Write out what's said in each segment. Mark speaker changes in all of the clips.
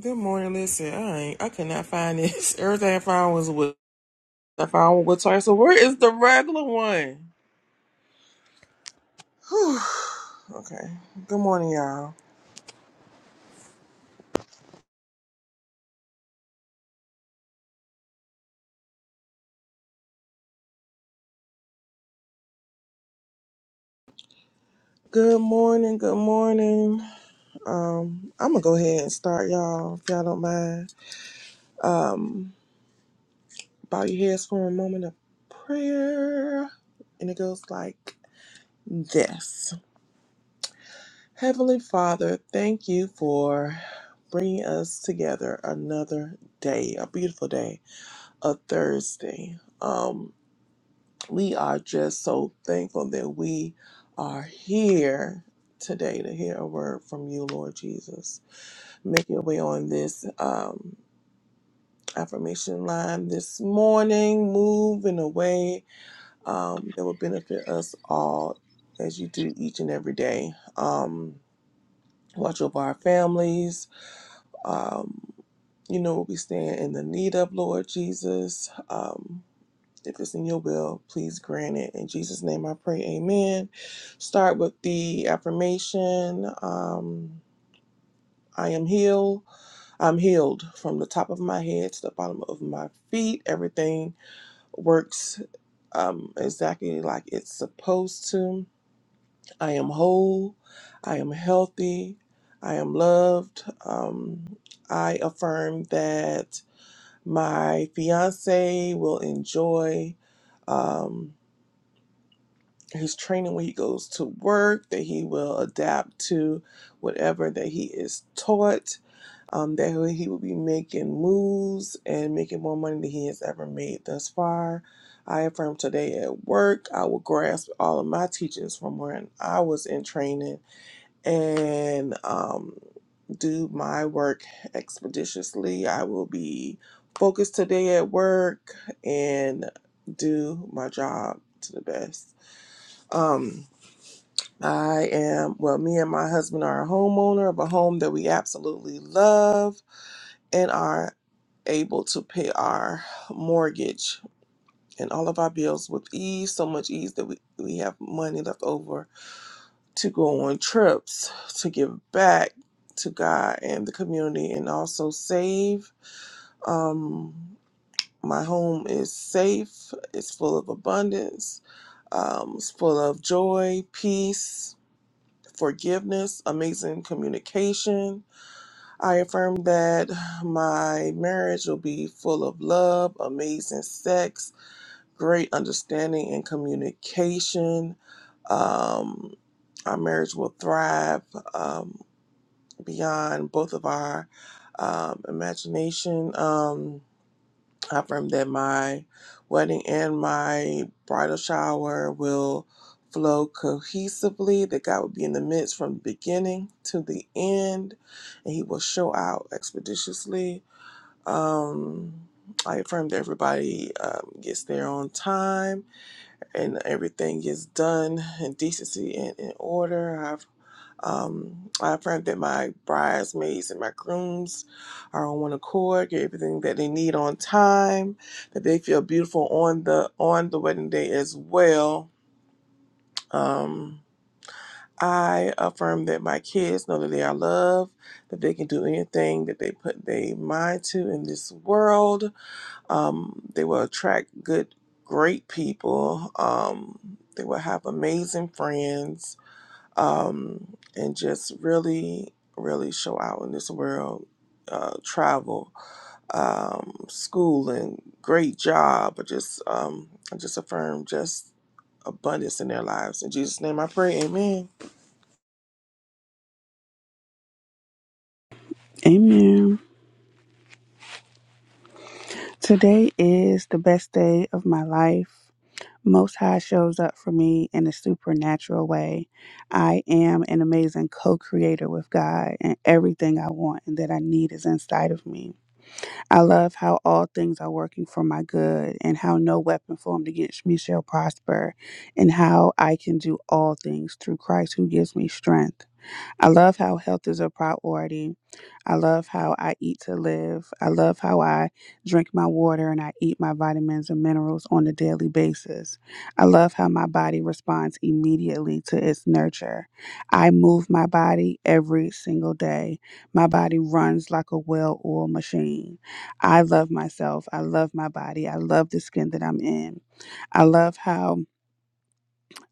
Speaker 1: Good morning. Listen, I ain't, I could not find this. Everything I found was with I found one with twice. So where is the regular one? Whew. Okay. Good morning, y'all. Good morning. Good morning. Um, I'm gonna go ahead and start, y'all, if y'all don't mind. Um, bow your heads for a moment of prayer, and it goes like this: Heavenly Father, thank you for bringing us together another day, a beautiful day. a Thursday. Um, we are just so thankful that we are here today to hear a word from you, Lord Jesus. Make your way on this um, affirmation line this morning. Move in a way um, that will benefit us all as you do each and every day. Um, watch over our families. Um, you know what we stand in the need of, Lord Jesus. Um, If it's in your will, please grant it. In Jesus' name I pray, amen. Start with the affirmation um, I am healed. I'm healed from the top of my head to the bottom of my feet. Everything works um, exactly like it's supposed to. I am whole. I am healthy. I am loved. Um, I affirm that my fiance will enjoy. um, his training when he goes to work, that he will adapt to whatever that he is taught, um, that he will be making moves and making more money than he has ever made thus far. I affirm today at work, I will grasp all of my teachings from when I was in training and um, do my work expeditiously. I will be focused today at work and do my job to the best. Um, I am, well, me and my husband are a homeowner of a home that we absolutely love and are able to pay our mortgage and all of our bills with ease, so much ease that we, we have money left over to go on trips, to give back to God and the community, and also save. Um, my home is safe, it's full of abundance, um, it's full of joy, peace forgiveness, amazing communication. I affirm that my marriage will be full of love, amazing sex, great understanding and communication. Um, our marriage will thrive um, beyond both of our um, imagination. Um, I affirm that my wedding and my bridal shower will flow cohesively, that God will be in the midst from the beginning to the end, and He will show out expeditiously. Um, I affirm that everybody um, gets there on time and everything is done in decency and in order. I've um, I affirm that my bridesmaids and my grooms are on one accord, get everything that they need on time, that they feel beautiful on the on the wedding day as well. Um, I affirm that my kids know that they are loved, that they can do anything that they put their mind to in this world. Um, they will attract good, great people. Um, they will have amazing friends um, and just really, really show out in this world. Uh, travel, um, schooling, great job, but just um, just affirm just abundance in their lives. In Jesus' name, I pray. Amen.
Speaker 2: Amen. Today is the best day of my life. Most High shows up for me in a supernatural way. I am an amazing co creator with God, and everything I want and that I need is inside of me. I love how all things are working for my good, and how no weapon formed against me shall prosper, and how I can do all things through Christ who gives me strength. I love how health is a priority. I love how I eat to live. I love how I drink my water and I eat my vitamins and minerals on a daily basis. I love how my body responds immediately to its nurture. I move my body every single day. My body runs like a well oiled machine. I love myself. I love my body. I love the skin that I'm in. I love how.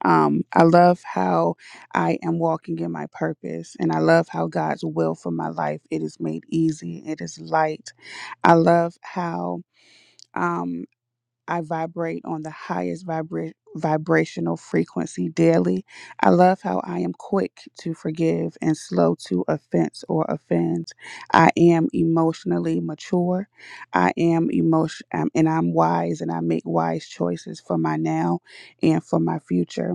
Speaker 2: Um, I love how I am walking in my purpose, and I love how God's will for my life it is made easy, it is light. I love how. um I vibrate on the highest vibra- vibrational frequency daily. I love how I am quick to forgive and slow to offense or offend. I am emotionally mature. I am emotion um, and I'm wise and I make wise choices for my now and for my future.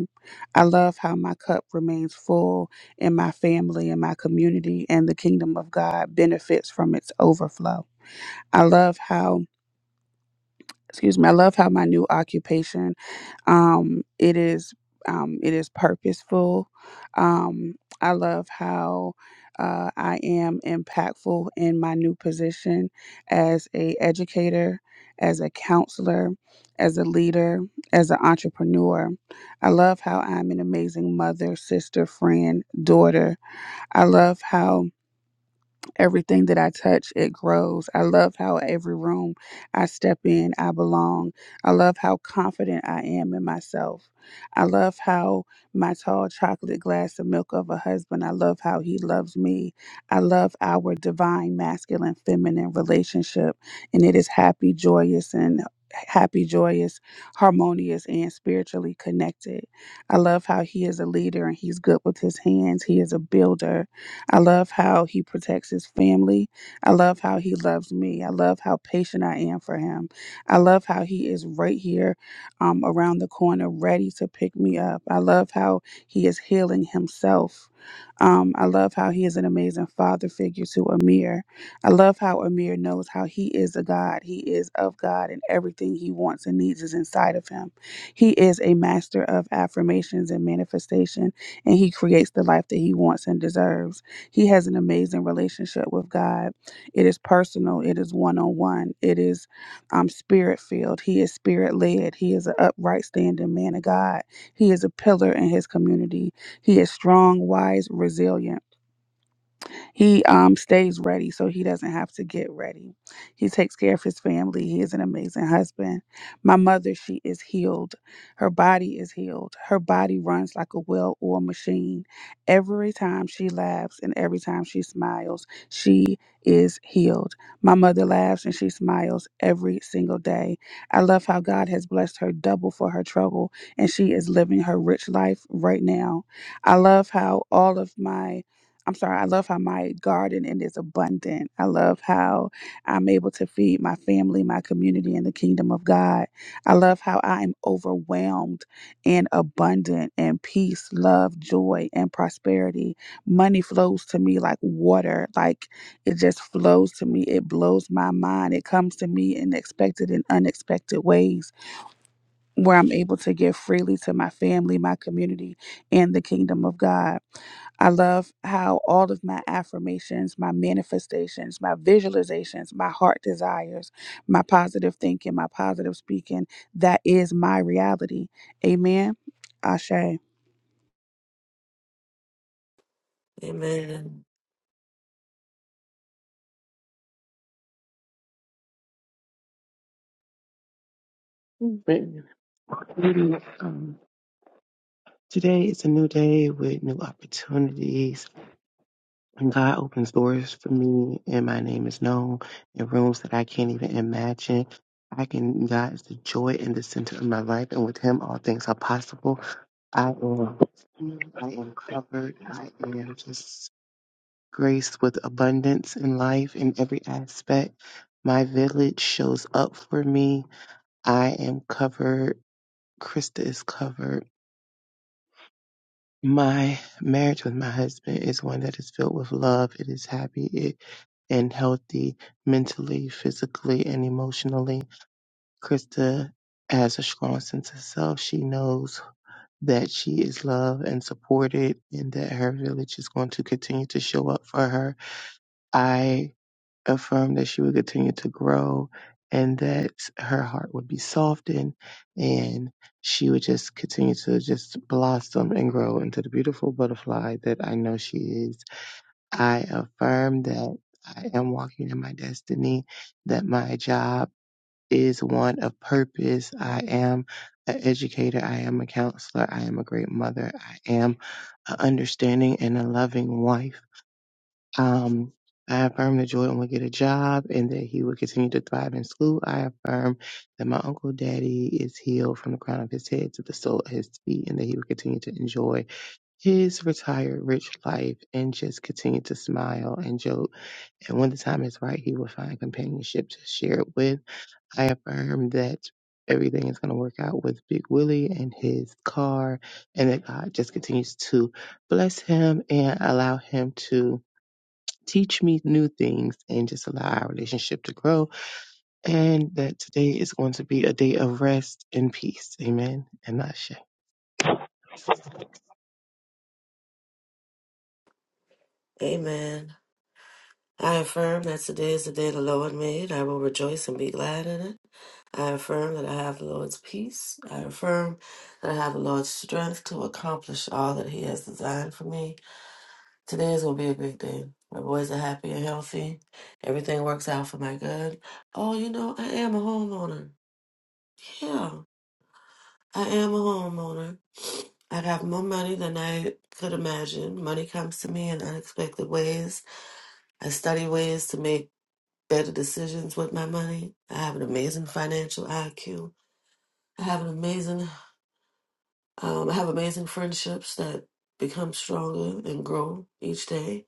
Speaker 2: I love how my cup remains full and my family and my community and the kingdom of God benefits from its overflow. I love how excuse me, I love how my new occupation um it is um it is purposeful um i love how uh, i am impactful in my new position as a educator as a counselor as a leader as an entrepreneur i love how i'm an amazing mother sister friend daughter i love how Everything that I touch, it grows. I love how every room I step in, I belong. I love how confident I am in myself. I love how my tall chocolate glass of milk of a husband, I love how he loves me. I love our divine masculine feminine relationship, and it is happy, joyous, and happy, joyous, harmonious, and spiritually connected. I love how he is a leader and he's good with his hands. He is a builder I love how he protects his family. I love how he loves me. I love how patient I am for him. I love how he is right here um, around the corner, ready to pick me up. I love how he is healing himself. Um, I love how he is an amazing father figure to Amir. I love how Amir knows how he is a God. He is of God, and everything he wants and needs is inside of him. He is a master of affirmations and manifestation, and he creates the life that he wants and deserves. He has an amazing relationship with God. It is personal, it is one on one, it is um, spirit filled. He is spirit led. He is an upright, standing man of God. He is a pillar in his community. He is strong, wise, resilient. He um stays ready so he doesn't have to get ready. He takes care of his family. He is an amazing husband. My mother, she is healed. Her body is healed. Her body runs like a well-oiled machine. Every time she laughs and every time she smiles, she is healed. My mother laughs and she smiles every single day. I love how God has blessed her double for her trouble and she is living her rich life right now. I love how all of my I'm sorry, I love how my garden and is abundant. I love how I'm able to feed my family, my community, and the kingdom of God. I love how I am overwhelmed and abundant and peace, love, joy, and prosperity. Money flows to me like water, like it just flows to me. It blows my mind. It comes to me in expected and unexpected ways where I'm able to give freely to my family, my community, and the kingdom of God. I love how all of my affirmations, my manifestations, my visualizations, my heart desires, my positive thinking, my positive speaking, that is my reality. Amen. Ashe.
Speaker 3: Amen.
Speaker 4: But really, um, today is a new day with new opportunities, and God opens doors for me, and my name is known in rooms that I can't even imagine. I can, God is the joy in the center of my life, and with Him, all things are possible. I am, I am covered. I am just graced with abundance in life in every aspect. My village shows up for me. I am covered. Krista is covered. My marriage with my husband is one that is filled with love. It is happy it, and healthy mentally, physically, and emotionally. Krista has a strong sense of self. She knows that she is loved and supported and that her village is going to continue to show up for her. I affirmed that she would continue to grow and that her heart would be softened and she would just continue to just blossom and grow into the beautiful butterfly that I know she is. I affirm that I am walking in my destiny, that my job is one of purpose. I am an educator. I am a counselor. I am a great mother. I am an understanding and a loving wife. Um, I affirm that Jordan will get a job and that he will continue to thrive in school. I affirm that my uncle daddy is healed from the crown of his head to the sole of his feet and that he will continue to enjoy his retired rich life and just continue to smile and joke. And when the time is right, he will find companionship to share it with. I affirm that everything is going to work out with Big Willie and his car and that God just continues to bless him and allow him to teach me new things and just allow our relationship to grow. And that today is going to be a day of rest and peace. Amen. And Asha.
Speaker 3: Amen. I affirm that today is the day the Lord made. I will rejoice and be glad in it. I affirm that I have the Lord's peace. I affirm that I have the Lord's strength to accomplish all that He has designed for me. Today is going to be a great day. My boys are happy and healthy. Everything works out for my good. Oh, you know, I am a homeowner. Yeah, I am a homeowner. I have more money than I could imagine. Money comes to me in unexpected ways. I study ways to make better decisions with my money. I have an amazing financial IQ. I have an amazing, um, I have amazing friendships that become stronger and grow each day.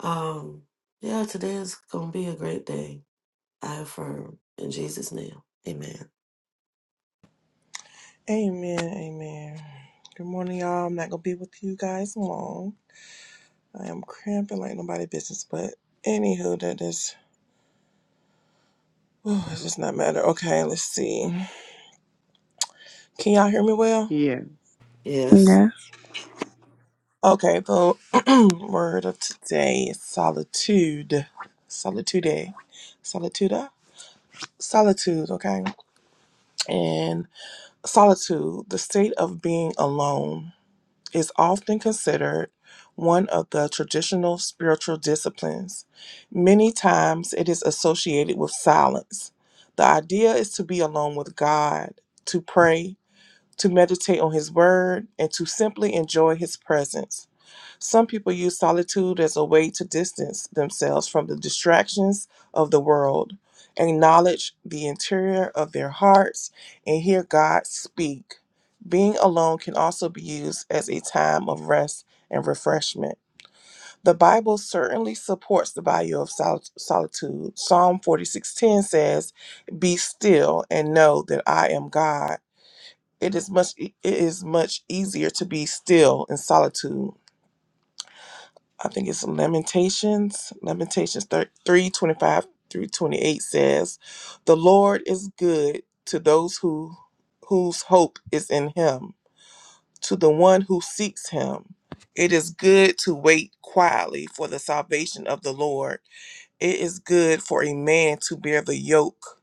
Speaker 3: Um, yeah, today is gonna be a great day. I affirm in Jesus' name, Amen.
Speaker 1: Amen. Amen. Good morning, y'all. I'm not gonna be with you guys long. I am cramping like nobody business, but anywho, that is. Oh, it does not matter. Okay, let's see. Can y'all hear me well?
Speaker 4: Yeah.
Speaker 3: Yes,
Speaker 2: Yes.
Speaker 1: Okay, so Word of today is solitude. Solitude. Solitude. Solitude, okay? And solitude, the state of being alone, is often considered one of the traditional spiritual disciplines. Many times it is associated with silence. The idea is to be alone with God, to pray, to meditate on His Word, and to simply enjoy His presence. Some people use solitude as a way to distance themselves from the distractions of the world, acknowledge the interior of their hearts, and hear God speak. Being alone can also be used as a time of rest and refreshment. The Bible certainly supports the value of sol- solitude. Psalm 46:10 says, "Be still and know that I am God." It is much e, it is much easier to be still in solitude I think it's Lamentations, Lamentations thir- 3 twenty-five through 28 says, The Lord is good to those who whose hope is in him, to the one who seeks him. It is good to wait quietly for the salvation of the Lord. It is good for a man to bear the yoke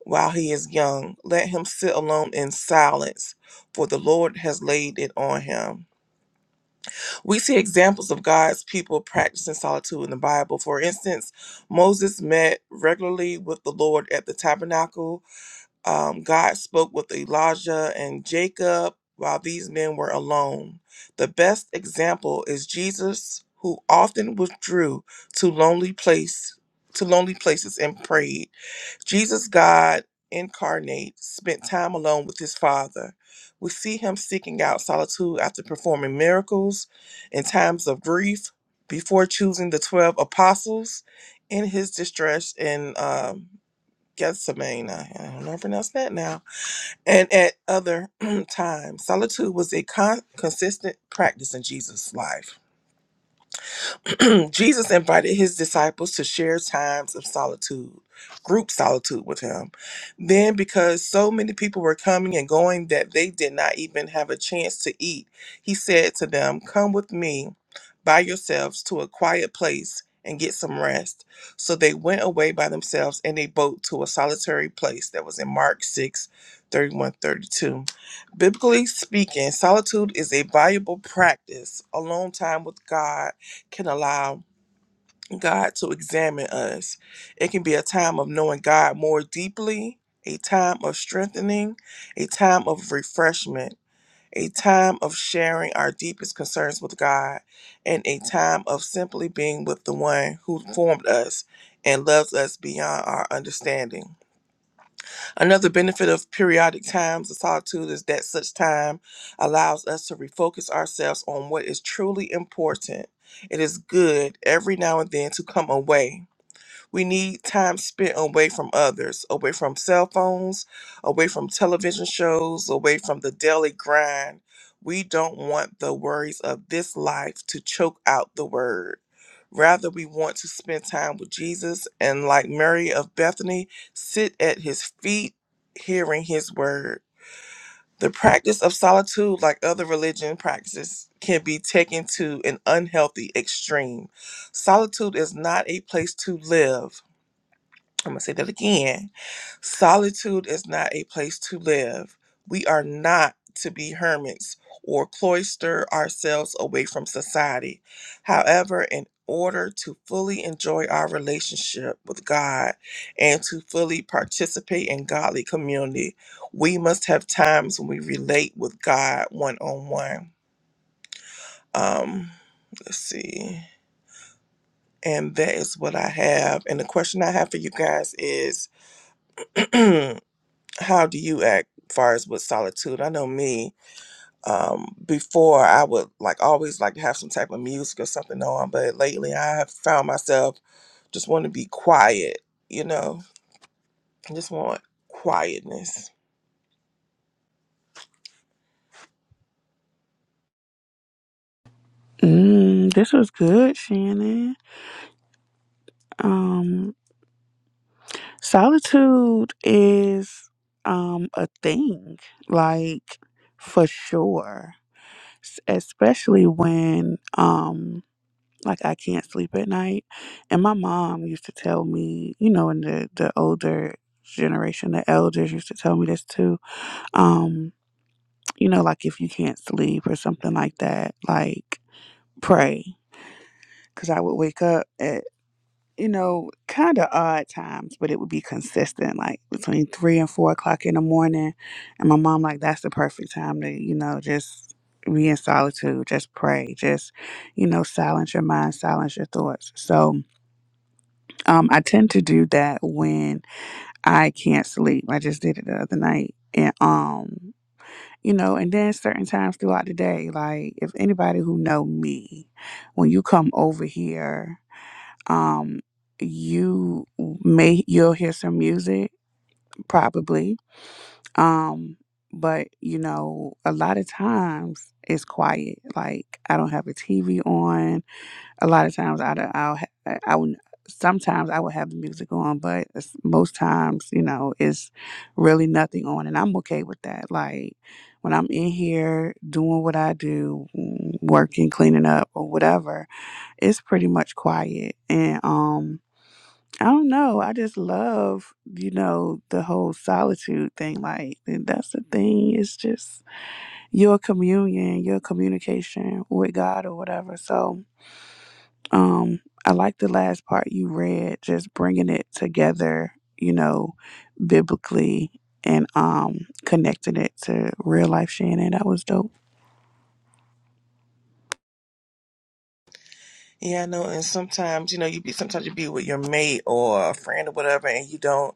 Speaker 1: while he is young. Let him sit alone in silence, for the Lord has laid it on him. We see examples of God's people practicing solitude in the Bible. For instance, Moses met regularly with the Lord at the tabernacle um, God spoke with Elijah and Jacob while these men were alone. The best example is Jesus, who often withdrew to lonely place to lonely places and prayed. Jesus, God incarnate, spent time alone with his Father. We see him seeking out solitude after performing miracles in times of grief before choosing the 12 apostles in his distress and Gethsemane, I don't know how to pronounce that now, and at other times. Solitude was a con- consistent practice in Jesus' life. Jesus invited his disciples to share times of solitude, group solitude with him. Then, because so many people were coming and going that they did not even have a chance to eat, he said to them, Come with me by yourselves to a quiet place and get some rest. So they went away by themselves in a boat to a solitary place that was in Mark 6, 31, 32. Biblically speaking, solitude is a valuable practice, alone time with God can allow God to examine us. It can be a time of knowing God more deeply, a time of strengthening, a time of refreshment, a time of sharing our deepest concerns with God, and a time of simply being with the one who formed us and loves us beyond our understanding. Another benefit of periodic times of solitude is that such time allows us to refocus ourselves on what is truly important. It is good every now and then to come away we need time spent away from others, away from cell phones, away from television shows, away from the daily grind. We don't want the worries of this life to choke out the word. Rather, we want to spend time with Jesus and, like Mary of Bethany, sit at his feet hearing his word. The practice of solitude, like other religion practices, can be taken to an unhealthy extreme. Solitude is not a place to live I'm going to say that again. Solitude is not a place to live. We are not to be hermits or cloister ourselves away from society. However, in order to fully enjoy our relationship with God and to fully participate in godly community, we must have times when we relate with God one on one. Um, let's see. And that is what I have. And the question I have for you guys is how do you act far as with solitude i know me um before i would like always like to have some type of music or something on but lately i have found myself just want to be quiet you know i just want quietness
Speaker 2: Mm, this was good, Shannon. Um, solitude is um a thing, like for sure. S- Especially when um Like I can't sleep at night. And my mom used to tell me, you know, in the the older generation, the elders used to tell me this too. Um, you know, like if you can't sleep or something like that, like pray. Cause I would wake up at you know, kind of odd times, but it would be consistent, like between three and four o'clock in the morning. And my mom, like, that's the perfect time to, you know, just be in solitude, just pray, just, you know, silence your mind, silence your thoughts. So, Um, I tend to do that when I can't sleep. I just did it the other night, and um, you know, and then certain times throughout the day, like if anybody who know me, when you come over here, um, you may you'll hear some music probably, um, but you know, a lot of times it's quiet. Like I don't have a TV on a lot of times I'd, I'll ha- I would sometimes I would have the music on, but it's, most times you know it's really nothing on, and I'm okay with that. Like when I'm in here doing what I do, mm, working, cleaning up, or whatever, it's pretty much quiet, and um. I don't know. I just love, you know, the whole solitude thing. Like, and that's the thing. It's just your communion, your communication with God or whatever. So, um, I like the last part you read, just bringing it together, you know, biblically and um connecting it to real life Shannon. That was dope.
Speaker 1: yeah i know and sometimes you know you be sometimes you be with your mate or a friend or whatever and you don't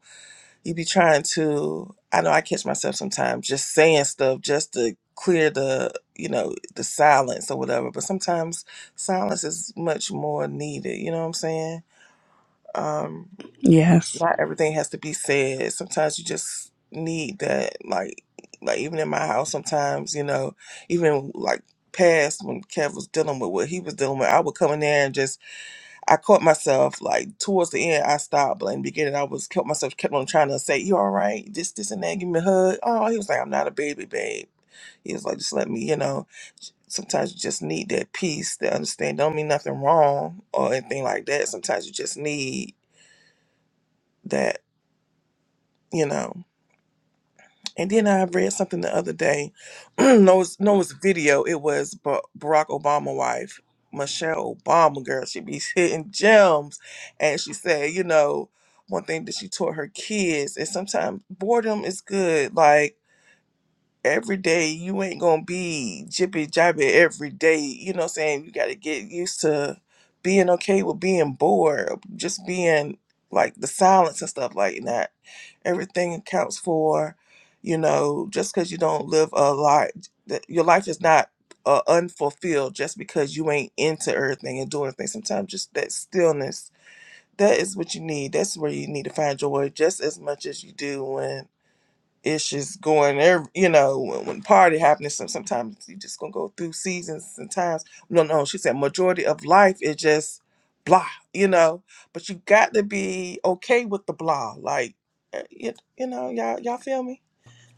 Speaker 1: you be trying to i know i catch myself sometimes just saying stuff just to clear the you know the silence or whatever but sometimes silence is much more needed you know what i'm saying um
Speaker 2: Yes,
Speaker 1: not everything has to be said sometimes you just need that like like even in my house sometimes you know even like past when kev was dealing with what he was dealing with i would come in there and just I caught myself like towards the end. I stopped, but in the beginning, I was kept myself kept on trying to say, "You all right? This, this, and that. Give me a hug." Oh, he was like, "I'm not a baby, babe." He was like, "Just let me, you know." Sometimes you just need that peace, that understand. Don't mean nothing wrong or anything like that. Sometimes you just need that, you know. And then I read something the other day. no, it's, no, it was a video. It was Ba- Barack Obama wife, Michelle Obama. Girl, she be hitting gems, and she said, you know, one thing that she taught her kids is sometimes boredom is good. Like every day, you ain't gonna be jippy jabby every day. You know, what I'm saying you got to get used to being okay with being bored, just being like the silence and stuff like that everything accounts for you know just because you don't live a life your life is not uh, unfulfilled just because you ain't into everything and doing things sometimes just that stillness that is what you need that's where you need to find joy just as much as you do when it's just going there you know when, when party happening, some, sometimes you just gonna go through seasons and times no no she said majority of life is just blah you know but you got to be okay with the blah like uh, you, you know y'all y'all feel me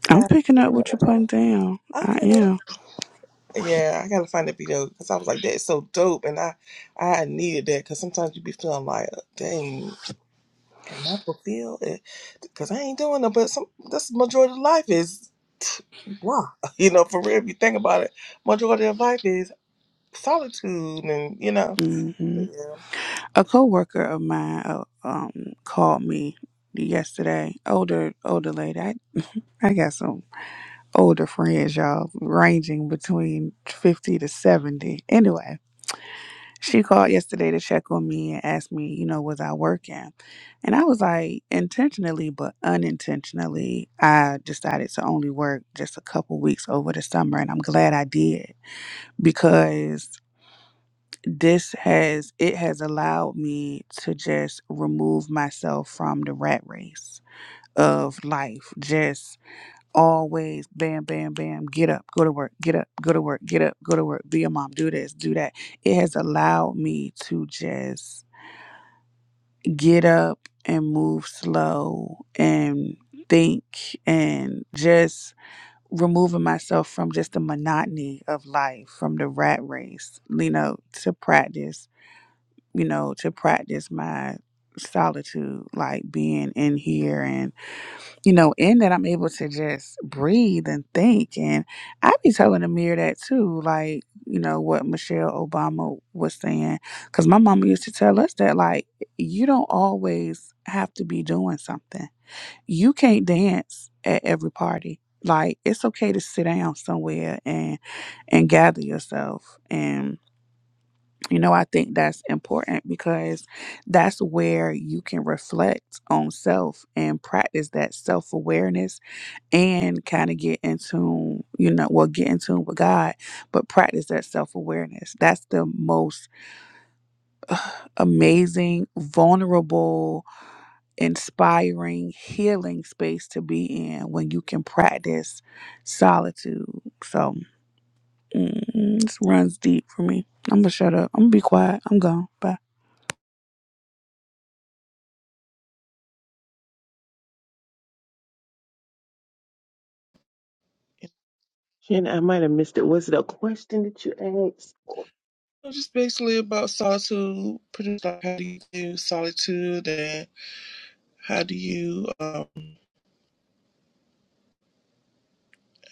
Speaker 2: I'm
Speaker 1: yeah
Speaker 2: picking up what you're putting down. I
Speaker 1: okay
Speaker 2: am.
Speaker 1: yeah i gotta find that video because i was like that's so dope and i i needed that because sometimes you be feeling like uh, dang am i fulfilled because i ain't doing it but some that's majority of life is Why? You know, for real, if you think about it, majority of life is solitude and, you know.
Speaker 2: hmm
Speaker 1: But yeah.
Speaker 2: a coworker of mine uh, um called me yesterday. Older older lady. I, I got some older friends, y'all, ranging between fifty to seventy. Anyway, she called yesterday to check on me and asked me, you know, was I working? And I was like, intentionally but unintentionally, I decided to only work just a couple weeks over the summer, and I'm glad I did because. this has it has allowed me to just remove myself from the rat race of life just always bam bam bam get up go to work get up go to work get up go to work be a mom do this do that it has allowed me to just get up and move slow and think and just removing myself from just the monotony of life from the rat race you know to practice you know, to practice my solitude, like being in here and, you know, in that I'm able to just breathe and think. And I be telling Amir that too, like, you know, what Michelle Obama was saying. Cause my mama used to tell us that, like, you don't always have to be doing something. You can't dance at every party. Like it's okay to sit down somewhere and and gather yourself and. You know, I think that's important because that's where you can reflect on self and practice that self awareness and kind of get in tune, you know, well, get in tune with God, but practice that self awareness. That's the most amazing, vulnerable, inspiring, healing space to be in when you can practice solitude. So, mm, this runs deep for me. I'm gonna shut up. I'm gonna be quiet. I'm gone. Bye.
Speaker 4: Shannon, I might have missed it. Was it a question that you asked?
Speaker 1: It's just basically about solitude, pretty much like how do you do solitude and how do you, um, I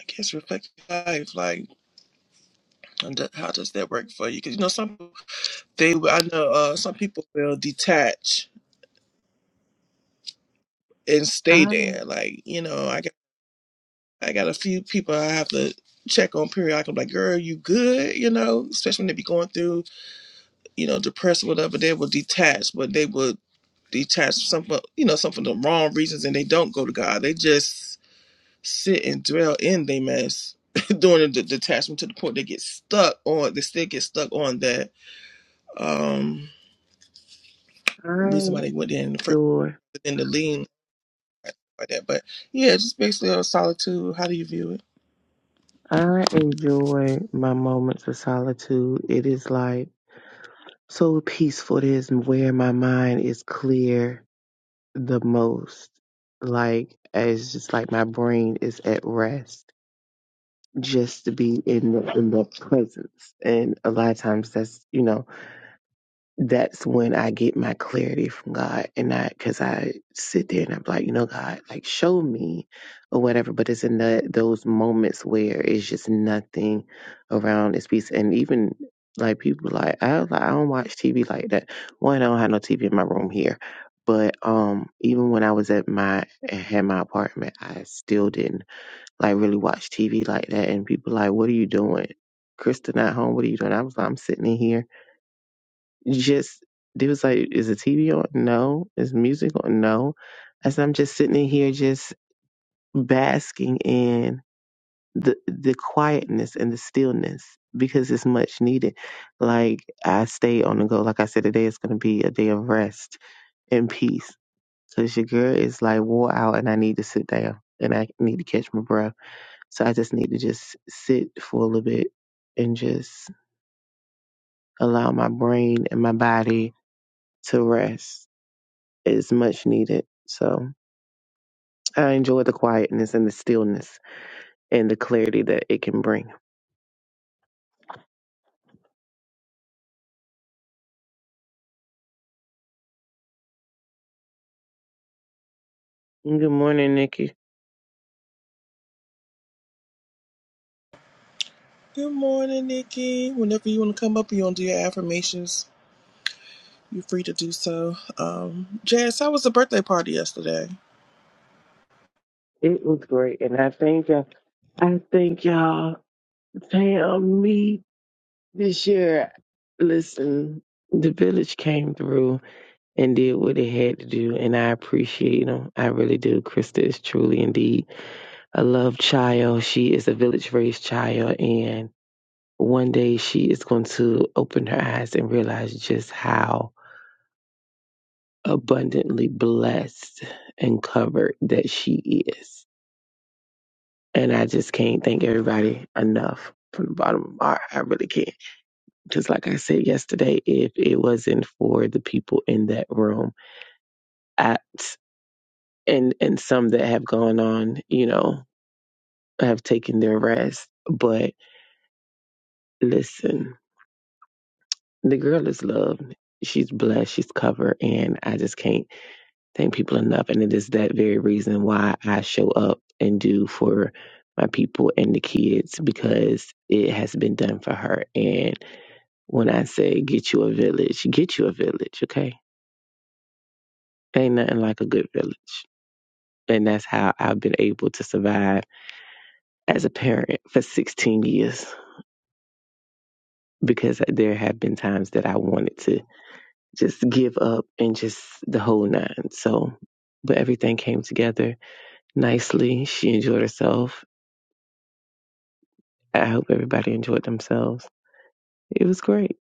Speaker 1: guess, reflect your life? Like, and th- how does that work for you? Because, you know, some people, they, I know uh, some people will detach and stay
Speaker 4: I
Speaker 1: there. Like, you know, I got, I got a few people I have to check on periodically. I'm like, girl, you good? You know, especially when they be going through you know, depressed or whatever, they will detach, but they will detach some for you know, some for the wrong reasons and they don't go to God. They just sit and dwell in their mess during the detachment to the point they get stuck on they still get stuck on that um
Speaker 4: I
Speaker 1: reason why they went in the first
Speaker 4: adore
Speaker 1: in the lean like that. But yeah, just basically on solitude, how do you view it?
Speaker 4: I enjoy my moments of solitude. It is like so peaceful. It is where my mind is clear the most. Like it's just like my brain is at rest just to be in the in the presence. And a lot of times that's you know, that's when I get my clarity from God and I cause I sit there and I'm like, you know, God, like show me or whatever. But it's in the those moments where it's just nothing around it's peace and even like people like I like I don't watch TV like that. One, I don't have no TV in my room here. But um even when I was at my had my apartment, I still didn't like really watch TV like that. And people like, what are you doing? Kristen at home, what are you doing? I was like, I'm sitting in here. Just they was like, is the TV on? No. Is music on? No. I said, I'm just sitting in here just basking in the the quietness and the stillness because it's much needed. Like I stay on the go. Like I said, today is gonna be a day of rest and peace. Cause your girl is like wore out and I need to sit down and I need to catch my breath So I just need to just sit for a little bit and just allow my brain and my body to rest. It's much needed. So I enjoy the quietness and the stillness and the clarity that it can bring. Good morning, Nikki.
Speaker 1: Good morning, Nikki. Whenever you want to come up, you want to do your affirmations, you're free to do so. Um, Jazz, how was the birthday party yesterday?
Speaker 4: It was great. And I thank y'all. I thank y'all. Pam, me this year. Listen, the village came through and did what it had to do. And I appreciate them. I really do. Krista is truly indeed a loved child. She is a village raised child. And one day she is going to open her eyes and realize just how abundantly blessed and covered that she is. And I just can't thank everybody enough from the bottom of my heart. I really can't. because like I said yesterday, if it wasn't for the people in that room, at and and some that have gone on, you know, have taken their rest. But listen, The girl is loved. She's blessed. She's covered. And I just can't thank people enough. And it is that very reason why I show up and do for my people and the kids because it has been done for her. And when I say get you a village, get you a village, okay? Ain't nothing like a good village. And that's how I've been able to survive as a parent for 16 years because there have been times that I wanted to just give up and just the whole nine. So, but everything came together nicely. She enjoyed herself. I hope everybody enjoyed themselves. It was great.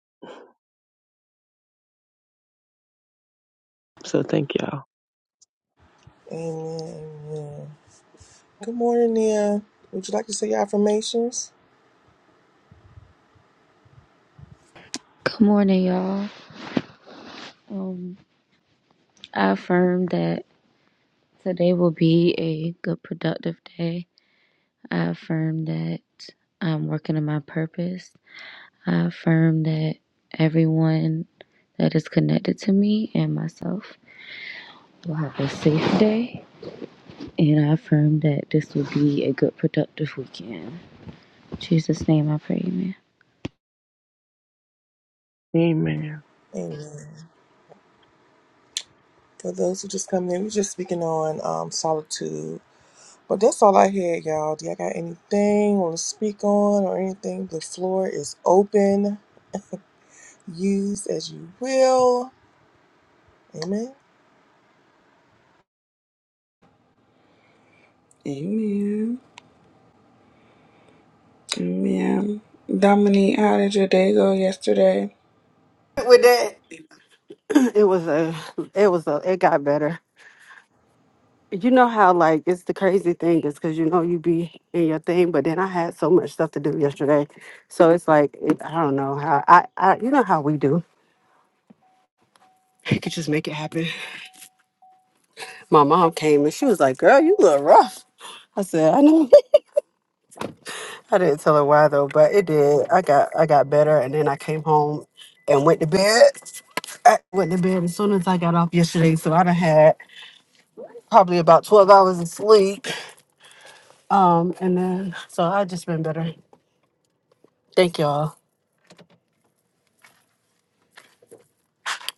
Speaker 4: So, thank y'all.
Speaker 1: Amen. Amen. Good morning, Nia. Would you like to say your affirmations?
Speaker 5: Good morning, y'all. Um, I affirm that today will be a good, productive day. I affirm that I'm working on my purpose. I affirm that everyone that is connected to me and myself will have a safe day. And I affirm that this will be a good, productive weekend. In Jesus' name, I pray, amen.
Speaker 4: Amen.
Speaker 1: Amen. For those who just come in, we're just speaking on um, solitude. But that's all I had, y'all. Do y'all got anything want to speak on or anything? The floor is open. Use as you will. Amen.
Speaker 2: Amen. Yeah. Dominique, how did your day go yesterday?
Speaker 6: with that. It was a, it was a, it got better. You know how like it's the crazy thing is because you know you be in your thing, but then I had so much stuff to do yesterday, so it's like it, I don't know how I, I, you know how we do. You could just make it happen. My mom came and she was like, "Girl, you look rough." I said, "I know." I didn't tell her why though, but it did. I got, I got better, and then I came home and went to bed. I went to bed as soon as I got off yesterday, so I done had probably about twelve hours of sleep Um, and then so I've just been better. Thank y'all.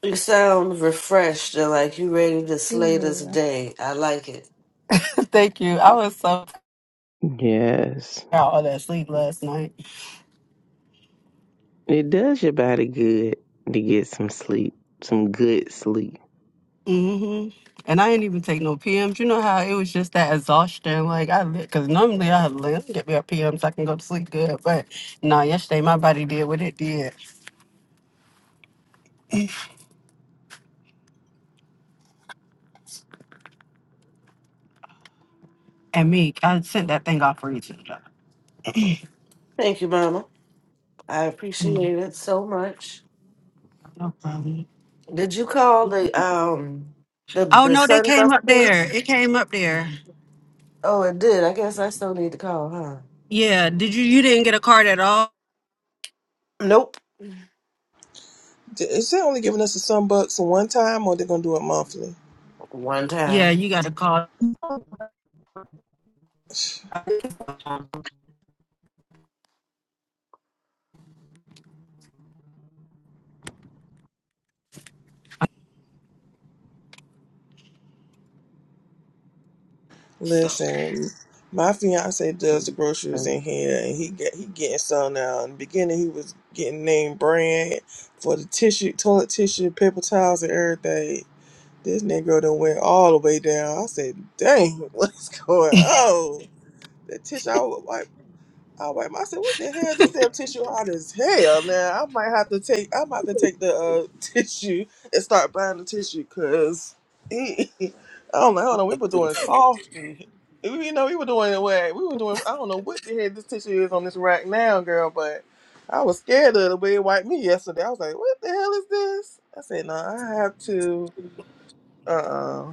Speaker 3: you sound refreshed and like you ready to slay this
Speaker 2: Good.
Speaker 3: day. I like it.
Speaker 6: Thank you. I was so
Speaker 4: Yes.
Speaker 6: out all that sleep last night.
Speaker 4: It does your body good to get some sleep, some good sleep.
Speaker 6: hmm And I didn't even take no PMs. You know how it was just that exhaustion. Like I, because normally I live, get me a PM so I can go to sleep good. But no, yesterday my body did what it did. And me, I sent that thing off for each other.
Speaker 3: Thank you, Mama. I
Speaker 6: Mm,
Speaker 3: appreciate it so much.
Speaker 6: no problem.
Speaker 3: Did you call the um the
Speaker 6: Oh
Speaker 3: the
Speaker 6: no, they
Speaker 3: Sunbus
Speaker 6: came up
Speaker 3: police?
Speaker 6: there. It came up there.
Speaker 3: Oh, it did. I guess I still need to call, huh?
Speaker 6: Yeah. Did you? You didn't get a card at all?
Speaker 3: Nope.
Speaker 1: D- Is they only giving us the sunbucks one time or they're going to do it monthly?
Speaker 3: One
Speaker 6: Yeah,
Speaker 3: time.
Speaker 6: you got a card. So.
Speaker 1: Listen, my fiance does the groceries
Speaker 4: Man,
Speaker 1: in here, and he get he getting some now. In the beginning, he was getting name brand for the tissue, toilet tissue, paper towels, and everything. This negro done went all the way down. I said, "Dang, what's going on?" The tissue I would wipe. I wiped my- I said, what the hell? This damn tissue hard as hell. Now I might have to take I might have to take the uh, tissue and start buying the tissue because I don't know, hold on, we were doing softy. You know, we were doing it where we were doing I don't know what the hell this tissue is on this rack now, girl, but I was scared of the way it wiped me yesterday. I was like, what the hell is this? I said, no, I have to uh uh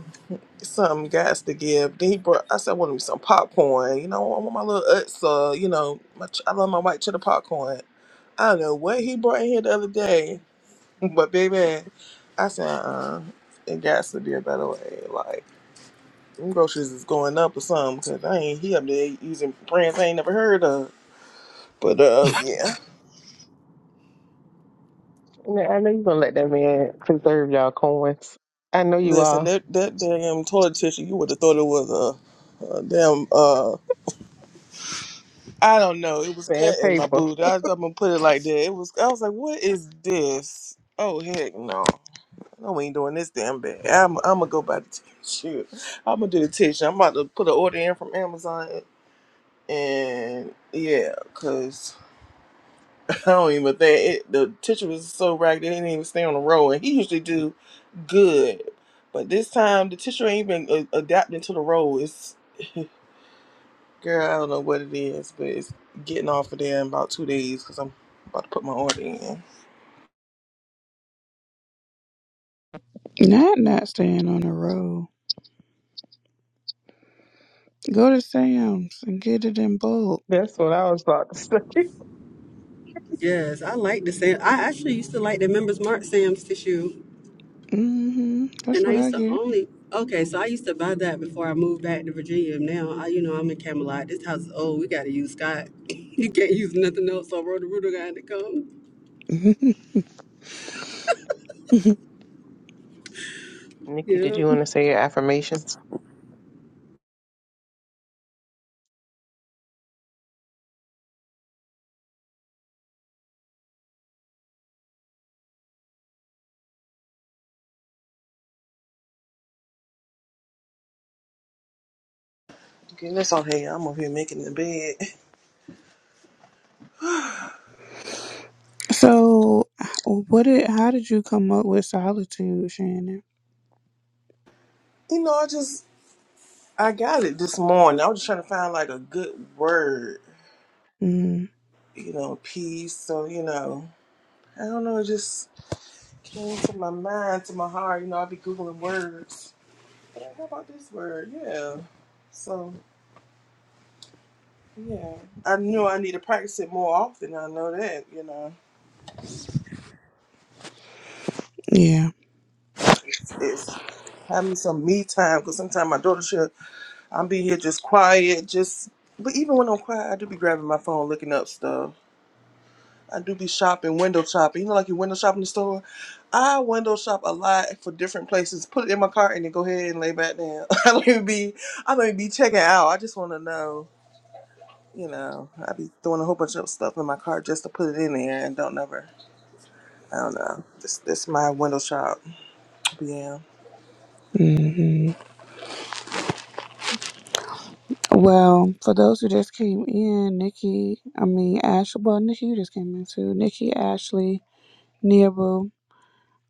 Speaker 1: some guys to give. Then he brought. I said, I want me some popcorn. You know, I want my little Utsa. You know, my, ch- I love my white cheddar popcorn. I don't know what he brought in here the other day, but baby, I said, uh, it got to be a better way. Like them groceries is going up or something because I ain't he up there using brands I ain't never heard of. But uh, yeah.
Speaker 4: I know you gonna let that man preserve y'all coins. I know you
Speaker 1: Listen,
Speaker 4: are.
Speaker 1: that that damn toilet tissue, you would have thought it was a, a damn uh, I don't know. It was
Speaker 4: Man,
Speaker 1: cutting my
Speaker 4: paper.
Speaker 1: boot. I, am gonna put it like that. It was. I was like, "What is this?" Oh heck, no! No, we ain't doing this damn bad. I'm, I'm gonna go buy the tissue. I'm gonna do the tissue. I'm about to put an order in from Amazon, and yeah, cause I don't even think it, the tissue was so ragged it didn't even stay on the roll. And he usually do good, but this time the tissue ain't even uh, adapting to the roll. It's Girl, I don't know what it is, but it's getting off of there in about two days because I'm about to put my order in.
Speaker 2: Not not staying on the road. Go to Sam's and get it in bulk.
Speaker 4: That's what I was about to say.
Speaker 6: Yes, I like the Sam. I actually used to like the Members Mark Sam's tissue,
Speaker 2: hmm That's
Speaker 6: and I
Speaker 2: what
Speaker 6: used
Speaker 2: I
Speaker 6: to
Speaker 2: get.
Speaker 6: only. Okay, so I used to buy that before I moved back to Virginia. Now, I, you know, I'm in Camelot. This house is old. We got to use Scott. you can't use nothing else. So Roto-Rooter got to come.
Speaker 4: Nikki, did
Speaker 6: Yeah.
Speaker 4: you want to say your affirmations?
Speaker 1: Okay, that's all. okay. I'm over here making the bed.
Speaker 2: so, what did? How did you come up with solitude, Shannon?
Speaker 1: You know, I just I got it this morning. I was just trying to find like a good word,
Speaker 2: Mm,
Speaker 1: you know, peace. So you know, I don't know. It just came to my mind, to my heart. You know, I be googling words. But like, how about this word? Yeah. So yeah, I knew I need to practice it more often. I know that. You know.
Speaker 2: yeah.
Speaker 1: is having some me time because sometimes my daughter should I'll be here just quiet, just but even when I'm quiet, I do be grabbing my phone, looking up stuff. I do be shopping, window shopping. You know, like you window shop in the store. I window shop a lot for different places. Put it in my cart and then go ahead and lay back down. I don't even be, I don't even be checking out. I just want to know, you know. I be throwing a whole bunch of stuff in my cart just to put it in there and don't never. I don't know. This this my window shop. But Yeah.
Speaker 2: hmm Well, for those who just came in, Nikki, I mean Ashley. Well, Nikki, you just came in too. Nikki, Ashley, Neabu.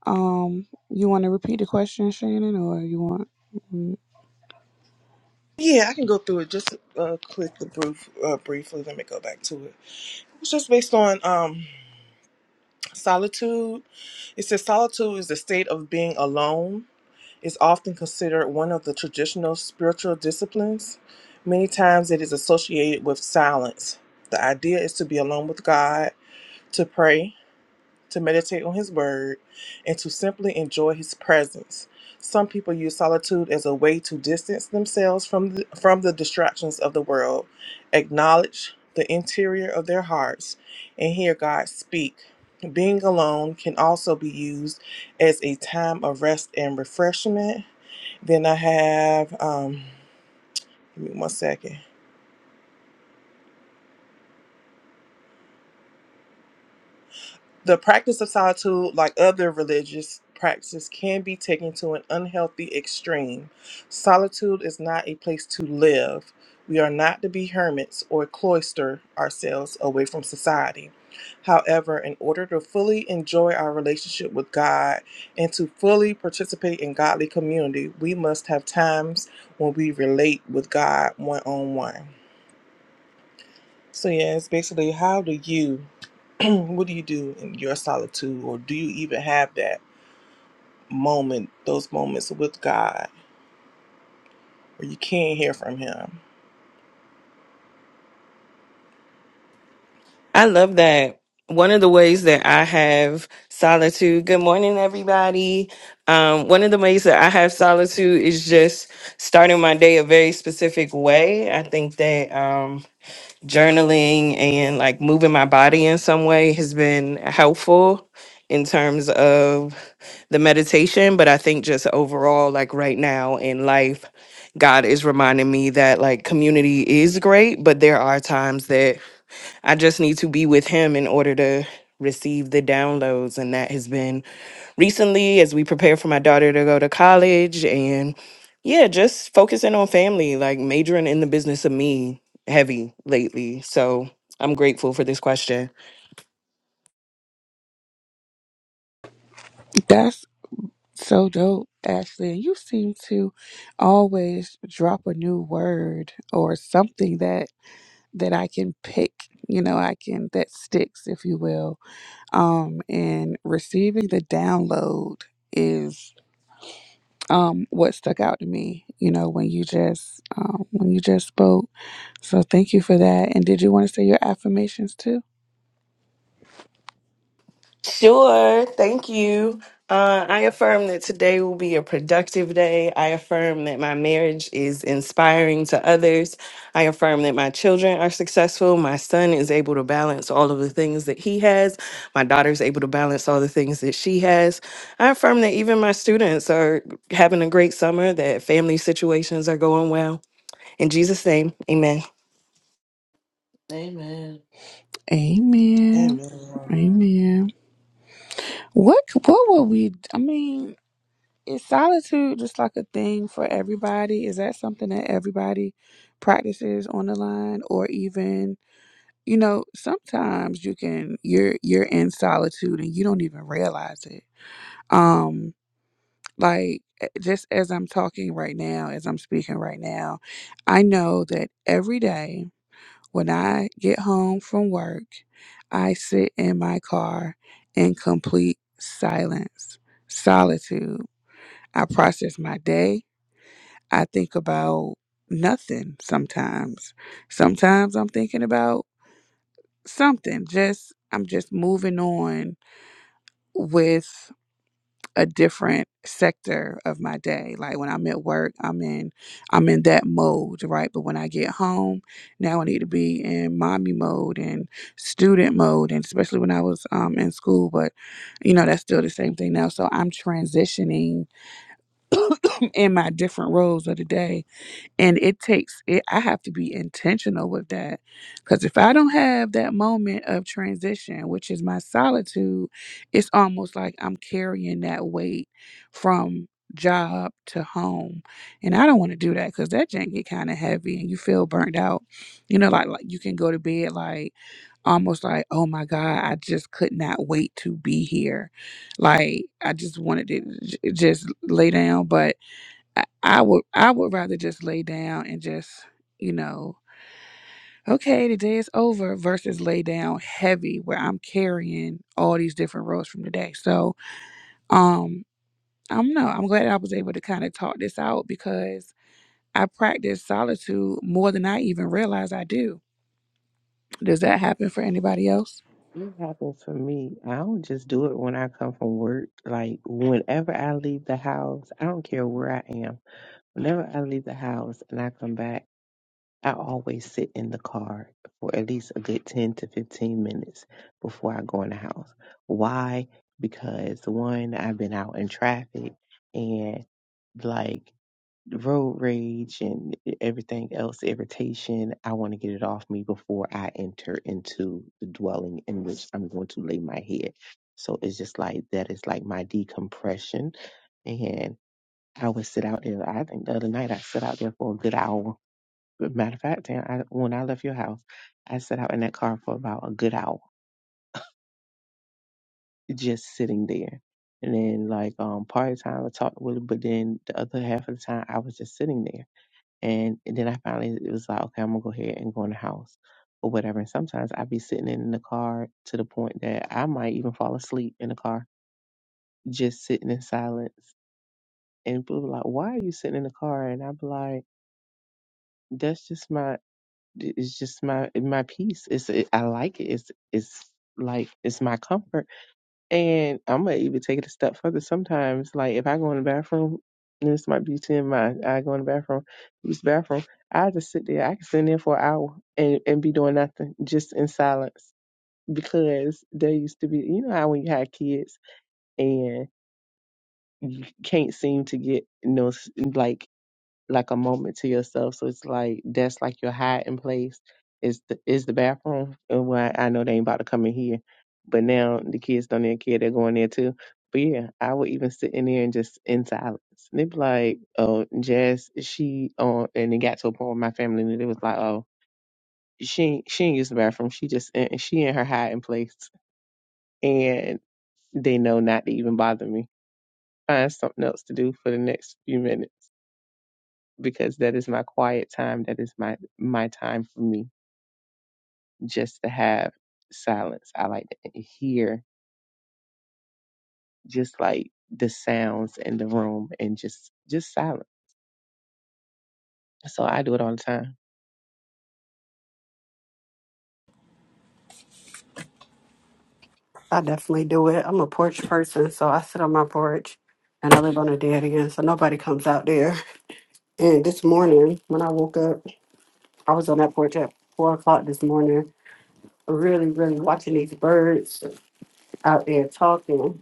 Speaker 2: Um, you want to repeat the question, Shannon, or you want? Mm,
Speaker 1: Yeah, I can go through it just uh, quickly, brief, uh, briefly. Let me go back to it. It's just based on um, solitude. It says solitude is the state of being alone. It's often considered one of the traditional spiritual disciplines. Many times it is associated with silence. The idea is to be alone with God, to pray, to meditate on His Word, and to simply enjoy His presence. Some people use solitude as a way to distance themselves from the, from the distractions of the world, acknowledge the interior of their hearts, and hear God speak. Being alone can also be used as a time of rest and refreshment. Then I have, um, give me one second. The practice of solitude, like other religious practices, can be taken to an unhealthy extreme. Solitude is not a place to live. We are not to be hermits or cloister ourselves away from society. However, in order to fully enjoy our relationship with God and to fully participate in godly community, we must have times when we relate with God one on one. So yeah, it's basically how do you what do you do in your solitude or do you even have that moment, those moments with God where you can't hear from him?
Speaker 7: I love that. One of the ways that I have solitude, good morning, everybody. Um, one of the ways that I have solitude is just starting my day a very specific way. I think that um, journaling and like moving my body in some way has been helpful in terms of the meditation. But I think just overall, like right now in life, God is reminding me that like community is great, but there are times that I just need to be with him in order to receive the downloads. And that has been recently as we prepare for my daughter to go to college and yeah, just focusing on family, like majoring in the business of me heavy lately. So I'm grateful for this question.
Speaker 2: That's so dope, Ashley. You seem to always drop a new word or something that that I can pick. You know, I can that sticks, if you will. Um, and receiving the download is um what stuck out to me. You know, when you just um, when you just spoke. So thank you for that. And did you want to say your affirmations too?
Speaker 7: Sure. Thank you. Uh, I affirm that today will be a productive day. I affirm that my marriage is inspiring to others. I affirm that my children are successful. My son is able to balance all of the things that he has. My daughter's able to balance all the things that she has. I affirm that even my students are having a great summer, that family situations are going well. In Jesus' name, amen.
Speaker 3: Amen.
Speaker 2: Amen.
Speaker 1: Amen.
Speaker 2: Amen. What c- what would we? I mean, is solitude just like a thing for everybody? Is that something that everybody practices on the line, or even you know, sometimes you can you're you're in solitude and you don't even realize it. Um, like eh, just as I'm talking right now, as I'm speaking right now, I know that every day. When I get home from work, I sit in my car in complete silence, solitude. I process my day. I think about nothing sometimes. Sometimes I'm thinking about something. Just I'm just moving on with a different sector of my day. Like when I'm at work, I'm in I'm in that mode, right? But when I get home, now I need to be in mommy mode and student mode, and especially when I was um, in school. But you know, that's still the same thing now. So I'm transitioning in my different roles of the day and it takes it i have to be intentional with that because if i don't have that moment of transition which is my solitude it's almost like i'm carrying that weight from job to home and i don't want to do that because that jank get kind of heavy and you feel burnt out you know like, like you can go to bed like almost like oh my god i just could not wait to be here like i just wanted to j- just lay down but I, I would I would rather just lay down and just, you know, okay, the day is over versus lay down heavy where I'm carrying all these different roles from the day. So um I'm no, I'm glad I was able to kind of talk this out because I practice solitude more than I even realize I do. Does that happen for anybody else?
Speaker 4: It happens for me. I don't just do it when I come from work. Like whenever I leave the house, I don't care where I am. Whenever I leave the house and I come back. I always sit in the car for at least a good 10 to 15 minutes before I go in the house. Why? Because one, I've been out in traffic and like road rage and everything else, irritation. I want to get it off me before I enter into the dwelling in which I'm going to lay my head. So it's just like that is like my decompression. And I would sit out there. I think the other night I sat out there for a good hour Matter of fact, and I, when I left your house, I sat out in that car for about a good hour, just sitting there. And then, like, um, part of the time I talked with him, but then the other half of the time I was just sitting there. And, and then I finally it was like, okay, I'm gonna go ahead and go in the house or whatever. And sometimes I'd be sitting in the car to the point that I might even fall asleep in the car, just sitting in silence. And people be like, why are you sitting in the car? And I'd be like, that's just my it's just my my peace. It's it, I like it. It's it's like it's my comfort. And I'm gonna even take it a step further. Sometimes, like if I go in the bathroom, and this might be to my I go in the bathroom, use the bathroom. I just sit there. I can sit in there for an hour and and be doing nothing, just in silence. Because there used to be, you know, how when you had kids and you can't seem to get no s like like a moment to yourself. So it's like that's like your hiding place is the is the bathroom. And why I know they ain't about to come in here. But now the kids don't even care, they're going there too. But yeah, I would even sit in there and just in silence. And they'd be like, Oh, Jazz, she on and it got to a point where my family knew they was like, Oh, she ain't- she ain't use the bathroom. She just in she in her hiding place and they know not to even bother me. Find something else to do for the next few minutes. because that is my quiet time. That is my my time for me just to have silence. I like to hear just like the sounds in the room and just just silence. So I do it all the time.
Speaker 6: I definitely do it. I'm a porch person, so I sit on my porch and I live on a dead end, so nobody comes out there. And this morning, when I woke up, I was on that porch at four o'clock this morning, really, really watching these birds out there talking.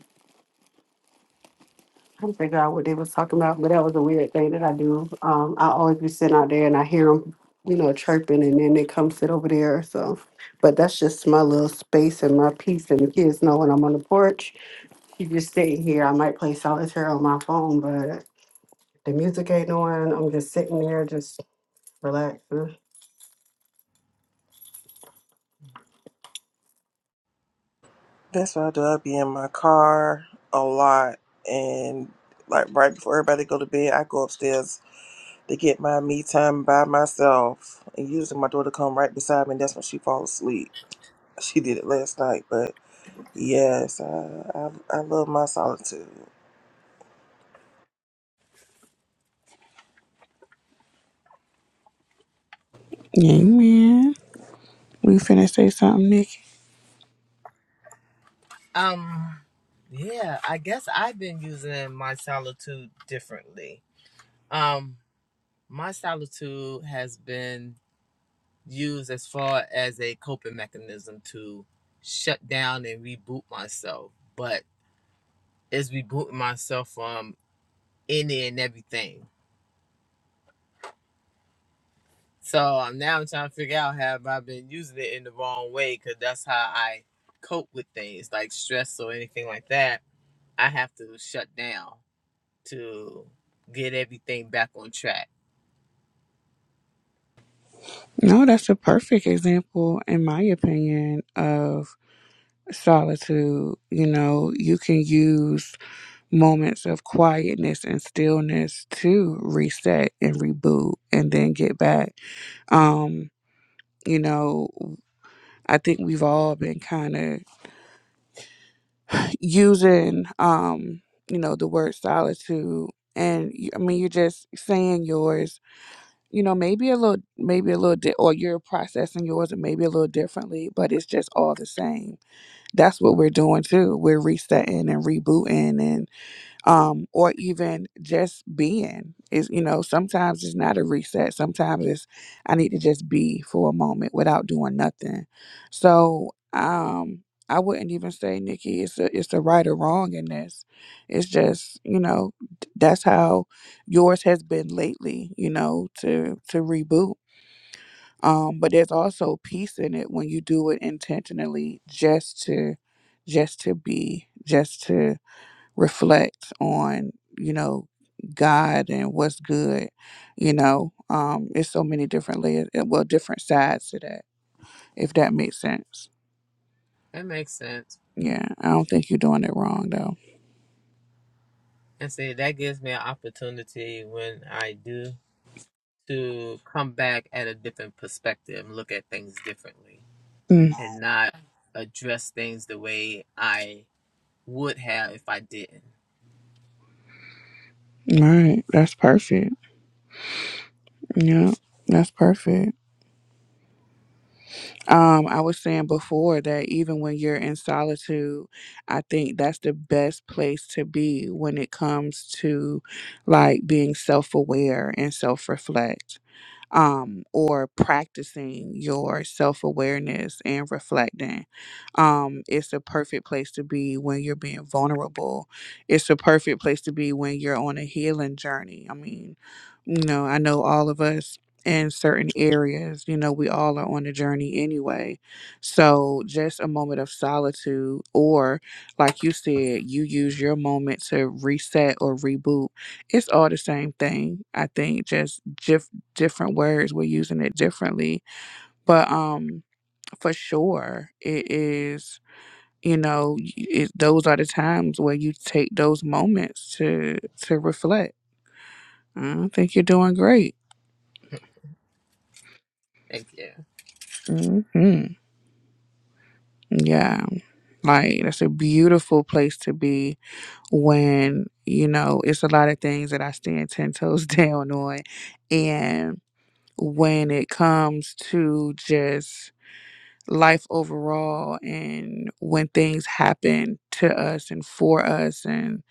Speaker 6: trying to figure out what they was talking about, but that was a weird thing that I do. Um, I always be sitting out there and I hear them, you know, chirping, and then they come sit over there. So, but that's just my little space and my peace. And the kids know when I'm on the porch, you just sitting here. I might play solitaire on my phone, but the music ain't on. I'm just sitting there, just relaxing.
Speaker 1: That's what I do. I be in my car a lot, and like right before everybody go to bed, I go upstairs to get my me time by myself. And usually my daughter come right beside me, and that's when she falls asleep. She did it last night, but yes, I I, I love my solitude.
Speaker 2: Amen. We finna say something, Nick.
Speaker 8: Um, yeah, I guess I've been using my solitude differently. Um, my solitude has been used as far as a coping mechanism to shut down and reboot myself, but it's rebooting myself from any and everything. So I'm now I'm trying to figure out have I been using it in the wrong way because that's how I cope with things like stress or anything like that. I have to shut down. to get everything back on track.
Speaker 2: No, that's a perfect example, in my opinion, of solitude. You know, you can use moments of quietness and stillness to reset and reboot and then get back. Um, you know, I think we've all been kind of using um, you know, the word solitude and y- I mean you're just saying yours, you know, maybe a little maybe a little di- or you're processing yours and maybe a little differently, but it's just all the same. That's what we're doing too. We're resetting and rebooting and. um, or even just being is you know sometimes it's not a reset sometimes it's i need to just be for a moment without doing nothing so um i wouldn't even say nikki it's a it's a right or wrong in this it's just you know d- that's how yours has been lately you know to to reboot um but there's also peace in it when you do it intentionally just to just to be just to reflect on you know god and what's good you know um it's so many different layers eh, well different sides to that if that makes sense
Speaker 8: That makes sense.
Speaker 2: yeah i don't think you're doing it wrong though
Speaker 8: And see, that gives me an opportunity when I do to come back at a different perspective and look at things differently
Speaker 2: mm,
Speaker 8: and not address things the way I would have if I didn't.
Speaker 2: all right that's perfect yeah that's perfect um i was saying before that even when you're in solitude i think that's the best place to be when it comes to like being self-aware and self-reflect um, or practicing your self awareness and reflecting. Um, it's a perfect place to be when you're being vulnerable. It's a perfect place to be when you're on a healing journey. I mean, you know, I know all of us in certain areas, you know, we all are on a journey anyway. So just a moment of solitude, or like you said, you use your moment to reset or reboot. It's all the same thing. I think just different words we're using it differently but um for sure it is you know it, those are the times where you take those moments to to reflect i think you're doing great
Speaker 8: Thank you.
Speaker 2: hmm yeah like that's a beautiful place to be when you know it's a lot of things that i stand 10 toes down on and when it comes to just life overall and when things happen to us and for us and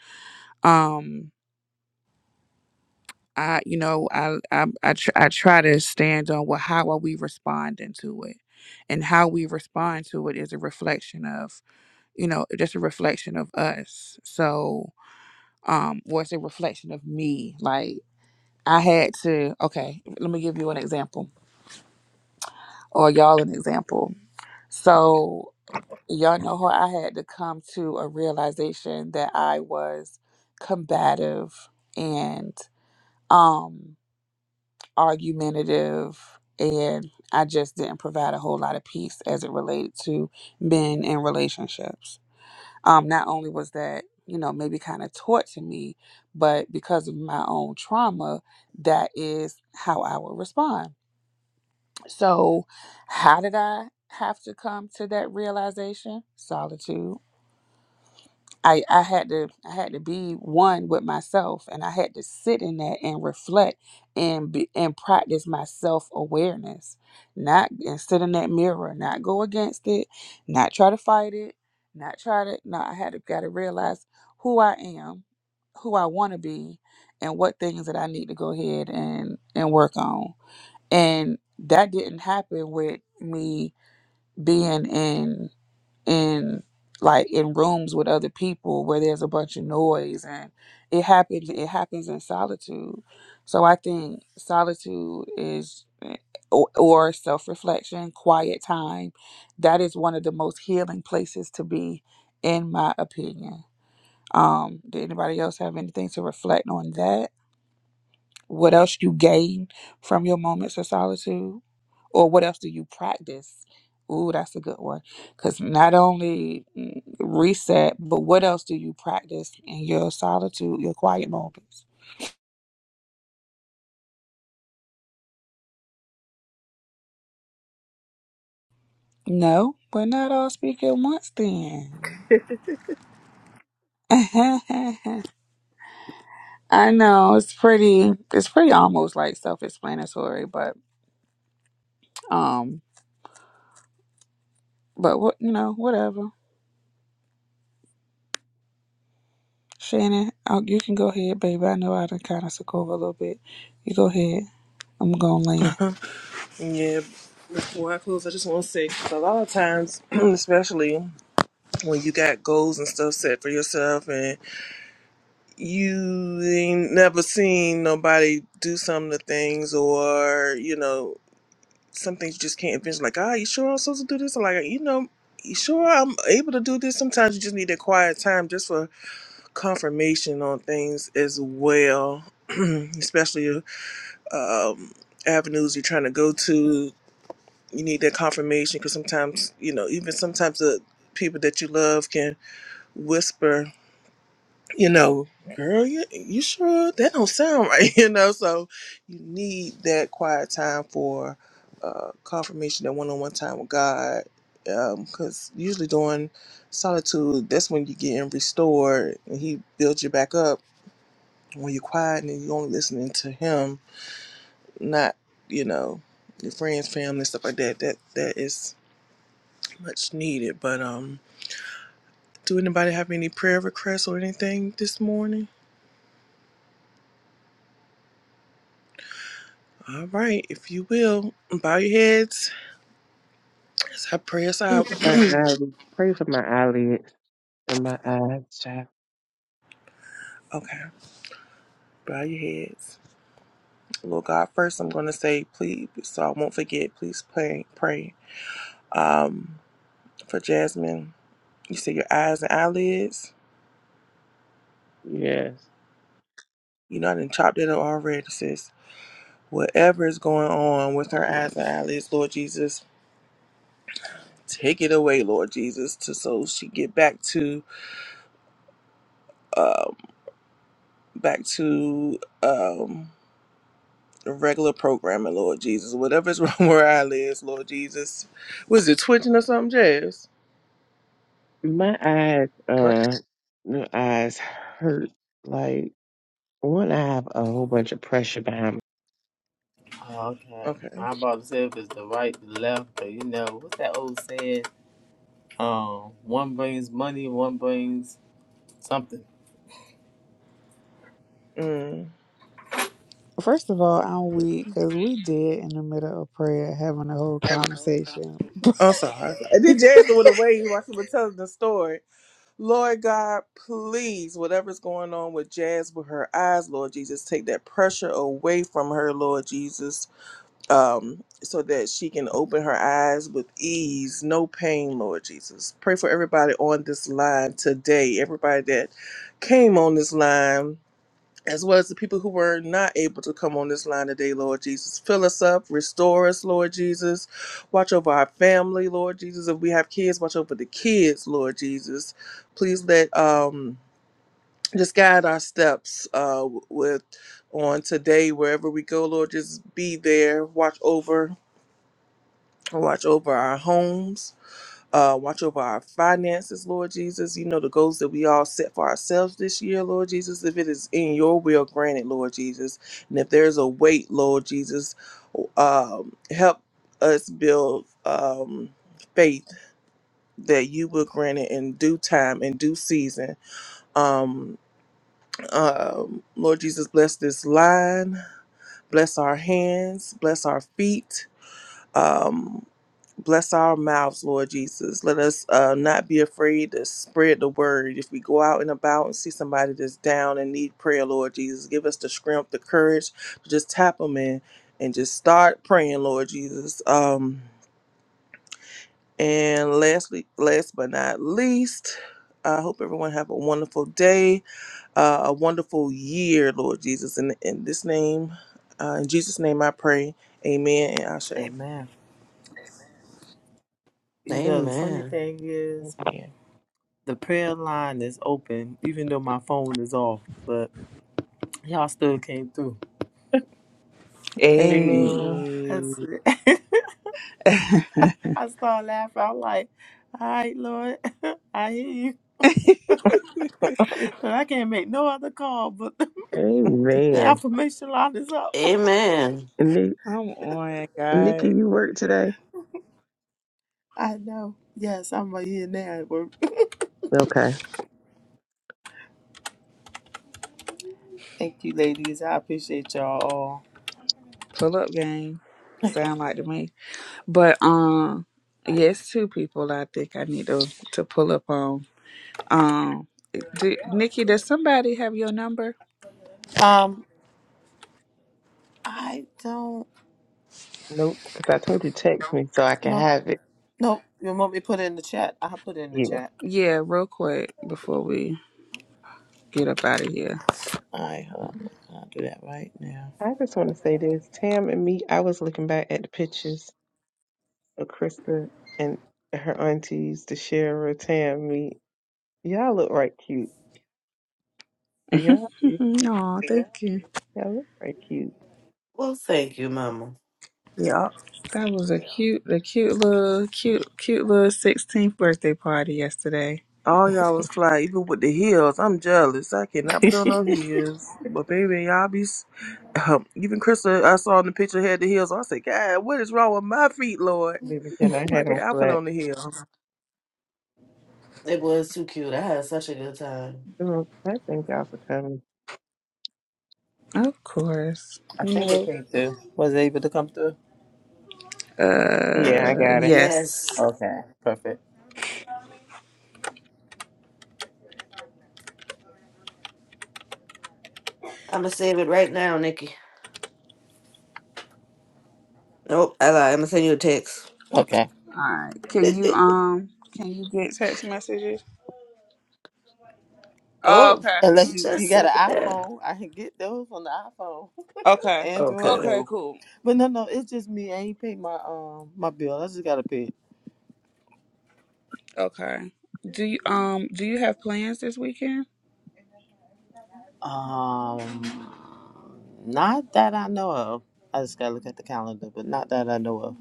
Speaker 2: um I you know I I I, tr- I try to stand on well how are we responding to it and how we respond to it is a reflection of you know just a reflection of us so um or it's a reflection of me like I had to okay let me give you an example or y'all an example So. y'all know how I had to come to a realization that I was combative and um argumentative and I just didn't provide a whole lot of peace as it related to men and relationships. Um not only was that, you know, maybe kind of taught to me, but because of my own trauma, that is how I would respond. So how did I have to come to that realization? Solitude I, I had to I had to be one with myself and I had to sit in that and reflect and be, and practice my self awareness. Not and sit in that mirror, not go against it, not try to fight it, not try to no, I had to gotta realize who I am, who I wanna be, and what things that I need to go ahead and, and work on. And that didn't happen with me being in in like in rooms with other people where there's a bunch of noise and it happens it happens in solitude so i think solitude is eh, or, or self-reflection quiet time that is one of the most healing places to be in my opinion um did anybody else have anything to reflect on that what else you gain from your moments of solitude? Or what else do you practice? Ooh, that's a good one. Because not only mm, reset, but what else do you practice in your solitude, your quiet moments? No, we're not all speaking at once then. I know it's pretty. It's pretty almost like self-explanatory, but um, but what you know, whatever. Shannon, uh, you can go ahead, baby. I know I done kind of took over a little bit. You go ahead. I'm going to land.
Speaker 1: Yeah. Before I close, I just want to say 'cause a lot of times, especially when you got goals and stuff set for yourself, you ain't never seen nobody do some of the things or you know some things you just can't envision like ah you sure i'm supposed to do this or like you know you sure i'm able to do this sometimes you just need that quiet time just for confirmation on things as well especially um avenues you're trying to go to you need that confirmation because sometimes you know even sometimes the people that you love can whisper you know, girl, you, you sure that don't sound right, you know. So you need that quiet time for uh, confirmation, that one-on-one time with God, because usually during solitude, that's when you getting restored, and He builds you back up. When you're quiet and you're only listening to Him, not you know your friends, family, stuff like that. That that is much needed. But um, do anybody have any prayer requests or anything this morning? All right, if you will, bow your heads as I pray us
Speaker 4: Pray
Speaker 1: out.
Speaker 4: for my eyelids. Pray for my eyelids and my eyes, child.
Speaker 1: Okay, bow your heads. Lord God, first I'm going to say, please, so I won't forget, please pray, pray um, for Jasmine. You said your eyes and eyelids.
Speaker 4: Yes,
Speaker 1: You know, I didn't chop that up already, sis. Whatever is going on with her eyes and eyelids, Lord Jesus, take it away, Lord Jesus, to so she get back to, um, back to, um, regular programming, Lord Jesus. Whatever's wrong where I live, Lord Jesus. Was it twitching or something, Jazz?
Speaker 4: my eyes.
Speaker 1: Right.
Speaker 4: Uh, my eyes hurt. Like. One, I have a whole bunch of pressure behind
Speaker 8: Okay.
Speaker 1: Okay.
Speaker 8: I'm about to say if it's the right, the left, but you know, what's that old saying? Um, one brings money, one brings something.
Speaker 1: Mm.
Speaker 2: First of all, I'm weak because we did in the middle of prayer having a whole conversation.
Speaker 1: I'm sorry. I did Jazz went away while she was telling the story. Lord God, please, whatever's going on with Jazz with her eyes, Lord Jesus, take that pressure away from her, Lord Jesus. um, so that she can open her eyes with ease, no pain, Lord Jesus. Pray for everybody on this line today, everybody that came on this line, as well as the people who were not able to come on this line today, Lord Jesus. Fill us up, restore us, Lord Jesus. Watch over our family, Lord Jesus. If we have kids, watch over the kids, Lord Jesus. Please let um just guide our steps uh with on today wherever we go lord just be there watch over Watch over our homes. Uh, watch over our finances, Lord Jesus. You know the goals that we all set for ourselves this year, Lord Jesus. If it is in your will, grant it, Lord Jesus. And if there's a weight, Lord Jesus, um, help us build um, faith that you will grant it in due time, in due season. Um, um, Lord Jesus, bless this line, bless our hands, bless our feet. Um, Bless our mouths, Lord Jesus. Let us uh, not be afraid to spread the word. If we go out and about and see somebody that's down and need prayer, Lord Jesus, give us the strength, the courage to just tap them in and just start praying, Lord Jesus. Um, and lastly, last but not least, I hope everyone have a wonderful day, uh, a wonderful year, Lord Jesus. In, in this name, uh, in Jesus' name, I pray. Amen and Ashe.
Speaker 8: Amen. You know, the funny
Speaker 3: Amen.
Speaker 8: thing is,
Speaker 4: me. Amen.
Speaker 8: The prayer line is open, even though my phone is off, but y'all still came through.
Speaker 1: Amen.
Speaker 8: That's
Speaker 2: Hey.
Speaker 8: it. I started laughing. I'm like, all right, Lord, I hear you. 'Cause I can't make no other call, but the
Speaker 4: Amen.
Speaker 8: affirmation line is up.
Speaker 3: Amen.
Speaker 4: And Ni-
Speaker 2: I'm on
Speaker 4: and Nikki,
Speaker 2: God
Speaker 4: you work today?
Speaker 8: I know. Yes, I'm right here now at work.
Speaker 4: Okay.
Speaker 8: Thank you, ladies. I appreciate y'all
Speaker 2: pull up game.
Speaker 8: all.
Speaker 2: Sound like to me. But um yes, two people I think I need to to pull up on. Um do, Nikki, does somebody have your number?
Speaker 8: Um, I don't
Speaker 4: Nope, because I told you text me so I can
Speaker 8: know.
Speaker 4: have it.
Speaker 8: No, you want me to put it in the chat? I'll put it in the
Speaker 4: Yeah.
Speaker 8: chat.
Speaker 2: Yeah, real quick before we get up out of here.
Speaker 8: All right, hold on. I'll do that right now.
Speaker 4: I just want to say this. Tam and me, I was looking back at the pictures of Krista and her aunties, the Shara, Tam, me. Y'all look right cute. Y'all,
Speaker 2: Oh, thank you.
Speaker 4: y'all look right cute.
Speaker 3: Well, thank you, Mama.
Speaker 1: Yeah.
Speaker 2: That was a cute, a cute little, cute, cute little 16th birthday party yesterday.
Speaker 1: All y'all was fly, even with the heels. I'm jealous. I cannot put on no heels. But baby, y'all be. s- Um, even Krista, I saw in the picture had the heels. I said, God, what is wrong with my feet, Lord?
Speaker 4: Baby, and I
Speaker 1: Why
Speaker 4: had
Speaker 1: can't
Speaker 4: on
Speaker 1: I put
Speaker 4: flat.
Speaker 1: on the heels?
Speaker 3: It was too cute. I had such a good time.
Speaker 4: Mm, I thank y'all for coming.
Speaker 2: Of course.
Speaker 8: I
Speaker 2: You
Speaker 8: think it
Speaker 2: know,
Speaker 8: came through. Was it able to come through?
Speaker 4: Yeah, I
Speaker 2: uh,
Speaker 4: got it.
Speaker 3: Yes.
Speaker 2: yes.
Speaker 8: Okay. Perfect.
Speaker 3: I'm gonna save it right now, Nikki. Nope, I lied. I'm gonna send you a text.
Speaker 8: Okay.
Speaker 2: All right. Can you, um, can you get text messages? Oh,
Speaker 3: oh,
Speaker 2: okay.
Speaker 3: she
Speaker 8: Unless you, you
Speaker 3: just
Speaker 8: got
Speaker 3: said
Speaker 8: an
Speaker 3: that.
Speaker 8: iPhone, I can get those on the iPhone.
Speaker 2: Okay.
Speaker 8: Android,
Speaker 3: Okay.
Speaker 2: Okay,
Speaker 8: no.
Speaker 2: cool.
Speaker 8: But no, no, it's just me. I ain't paid my um my bill. I just gotta pay. it.
Speaker 2: Okay. Do you, um, do you have plans this weekend?
Speaker 8: Um, not that I know of. I just gotta look at the calendar, but not that I know of.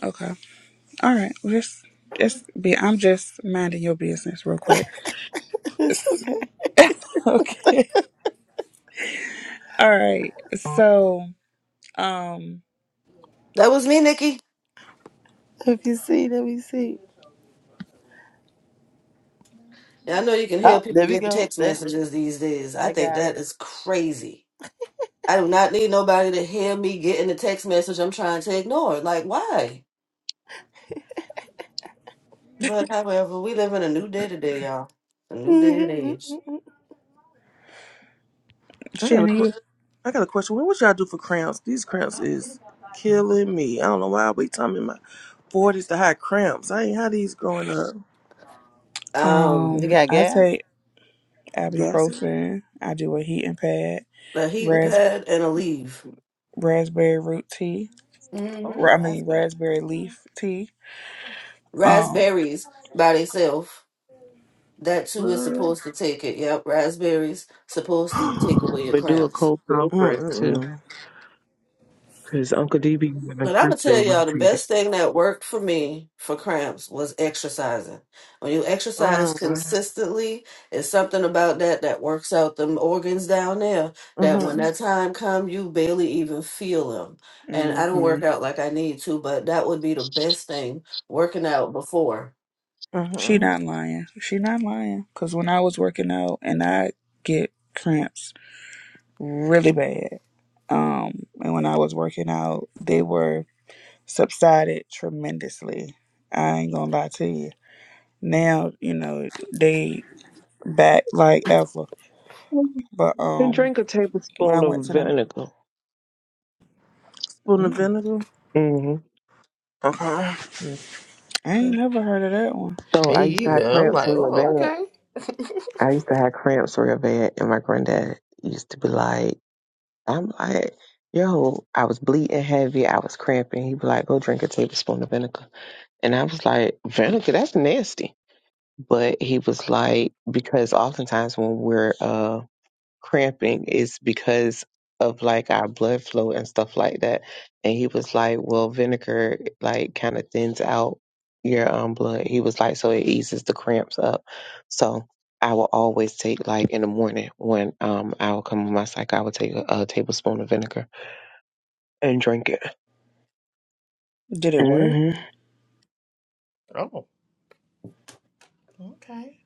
Speaker 2: Okay. All right. Well, just, just be, I'm just minding your business real quick.
Speaker 8: it's okay.
Speaker 2: okay. All right. So, um,
Speaker 3: That was me, Nikki.
Speaker 8: If you see, let me see.
Speaker 3: Yeah, I know you can
Speaker 8: Oh,
Speaker 3: hear people
Speaker 8: there we
Speaker 3: get
Speaker 8: go.
Speaker 3: text
Speaker 8: There,
Speaker 3: messages these days. I
Speaker 8: I
Speaker 3: think
Speaker 8: got it.
Speaker 3: that is crazy. I do not need nobody to hear me getting the text message I'm trying to ignore. Like, why? But however, we live in a new day today, y'all. A new day and
Speaker 8: you
Speaker 3: age.
Speaker 1: I got a,
Speaker 2: Shannon,
Speaker 1: que- I got a question. What would y'all do for cramps? These cramps is killing me. I don't know why I be time in my forties to have cramps. I ain't had these growing up.
Speaker 3: Um,
Speaker 2: Um,
Speaker 8: got
Speaker 2: I
Speaker 8: gas?
Speaker 2: take
Speaker 1: Gassy.
Speaker 2: ibuprofen. I do a heating pad,
Speaker 3: a heating
Speaker 2: ras-
Speaker 3: pad and a leave.
Speaker 2: raspberry root tea.
Speaker 8: Oh,
Speaker 2: Ra-
Speaker 3: Mm-hmm.
Speaker 2: I mean
Speaker 8: raspberry.
Speaker 2: raspberry leaf tea. Um,
Speaker 3: Raspberries by themselves. That too is
Speaker 1: What?
Speaker 3: supposed to take it. Yep, raspberries supposed to take away your
Speaker 4: But do a
Speaker 3: cramps.
Speaker 4: cold compress too.
Speaker 1: Mm-mm-mm.
Speaker 4: Because Uncle DB and
Speaker 3: But I'm gonna
Speaker 4: Crystal
Speaker 3: tell y'all the
Speaker 4: rotated.
Speaker 3: best thing that worked for me for cramps was exercising. When you exercise consistently, it's something about that that works out them organs down there. That when that
Speaker 1: Mm-hmm.
Speaker 3: time come, you barely even feel them. And I don't
Speaker 2: hmm
Speaker 3: work out like I need to, but that would be the best thing working out before.
Speaker 2: she
Speaker 1: Mm-hmm.
Speaker 2: not lying. She not lying. Cause when I was working out and I get cramps really bad. Um, and when I was working out, they were subsided tremendously. I ain't gonna lie to you. Now you know they back like ever.
Speaker 4: And
Speaker 2: But um,
Speaker 4: drink a
Speaker 2: when I
Speaker 4: tablespoon
Speaker 2: went
Speaker 4: of
Speaker 2: to them
Speaker 4: vinegar.
Speaker 1: Spoon of
Speaker 2: Mm,
Speaker 1: vinegar.
Speaker 4: hmm
Speaker 1: Okay.
Speaker 2: I ain't never heard of that one.
Speaker 4: So
Speaker 8: Me
Speaker 4: I used to have
Speaker 8: either. I'm
Speaker 4: cramps
Speaker 8: like,
Speaker 4: real
Speaker 8: oh,
Speaker 4: bad.
Speaker 8: okay.
Speaker 4: I used to have cramps real bad, and my granddad used to be like, I'm like, yo, I was bleeding heavy, I was cramping. He'd be like, go drink a tablespoon of vinegar. And I was like, vinegar, that's nasty. But he was like, because oftentimes when we're uh. cramping is because of like our blood flow and stuff like that. And he was like, well, vinegar like kind of thins out your um blood. He was like, so it eases the cramps up. So I will always take like in the morning when um I will come on my cycle, I will take a, a tablespoon of vinegar and drink it.
Speaker 2: Did it work?
Speaker 4: hmm
Speaker 8: Oh, okay.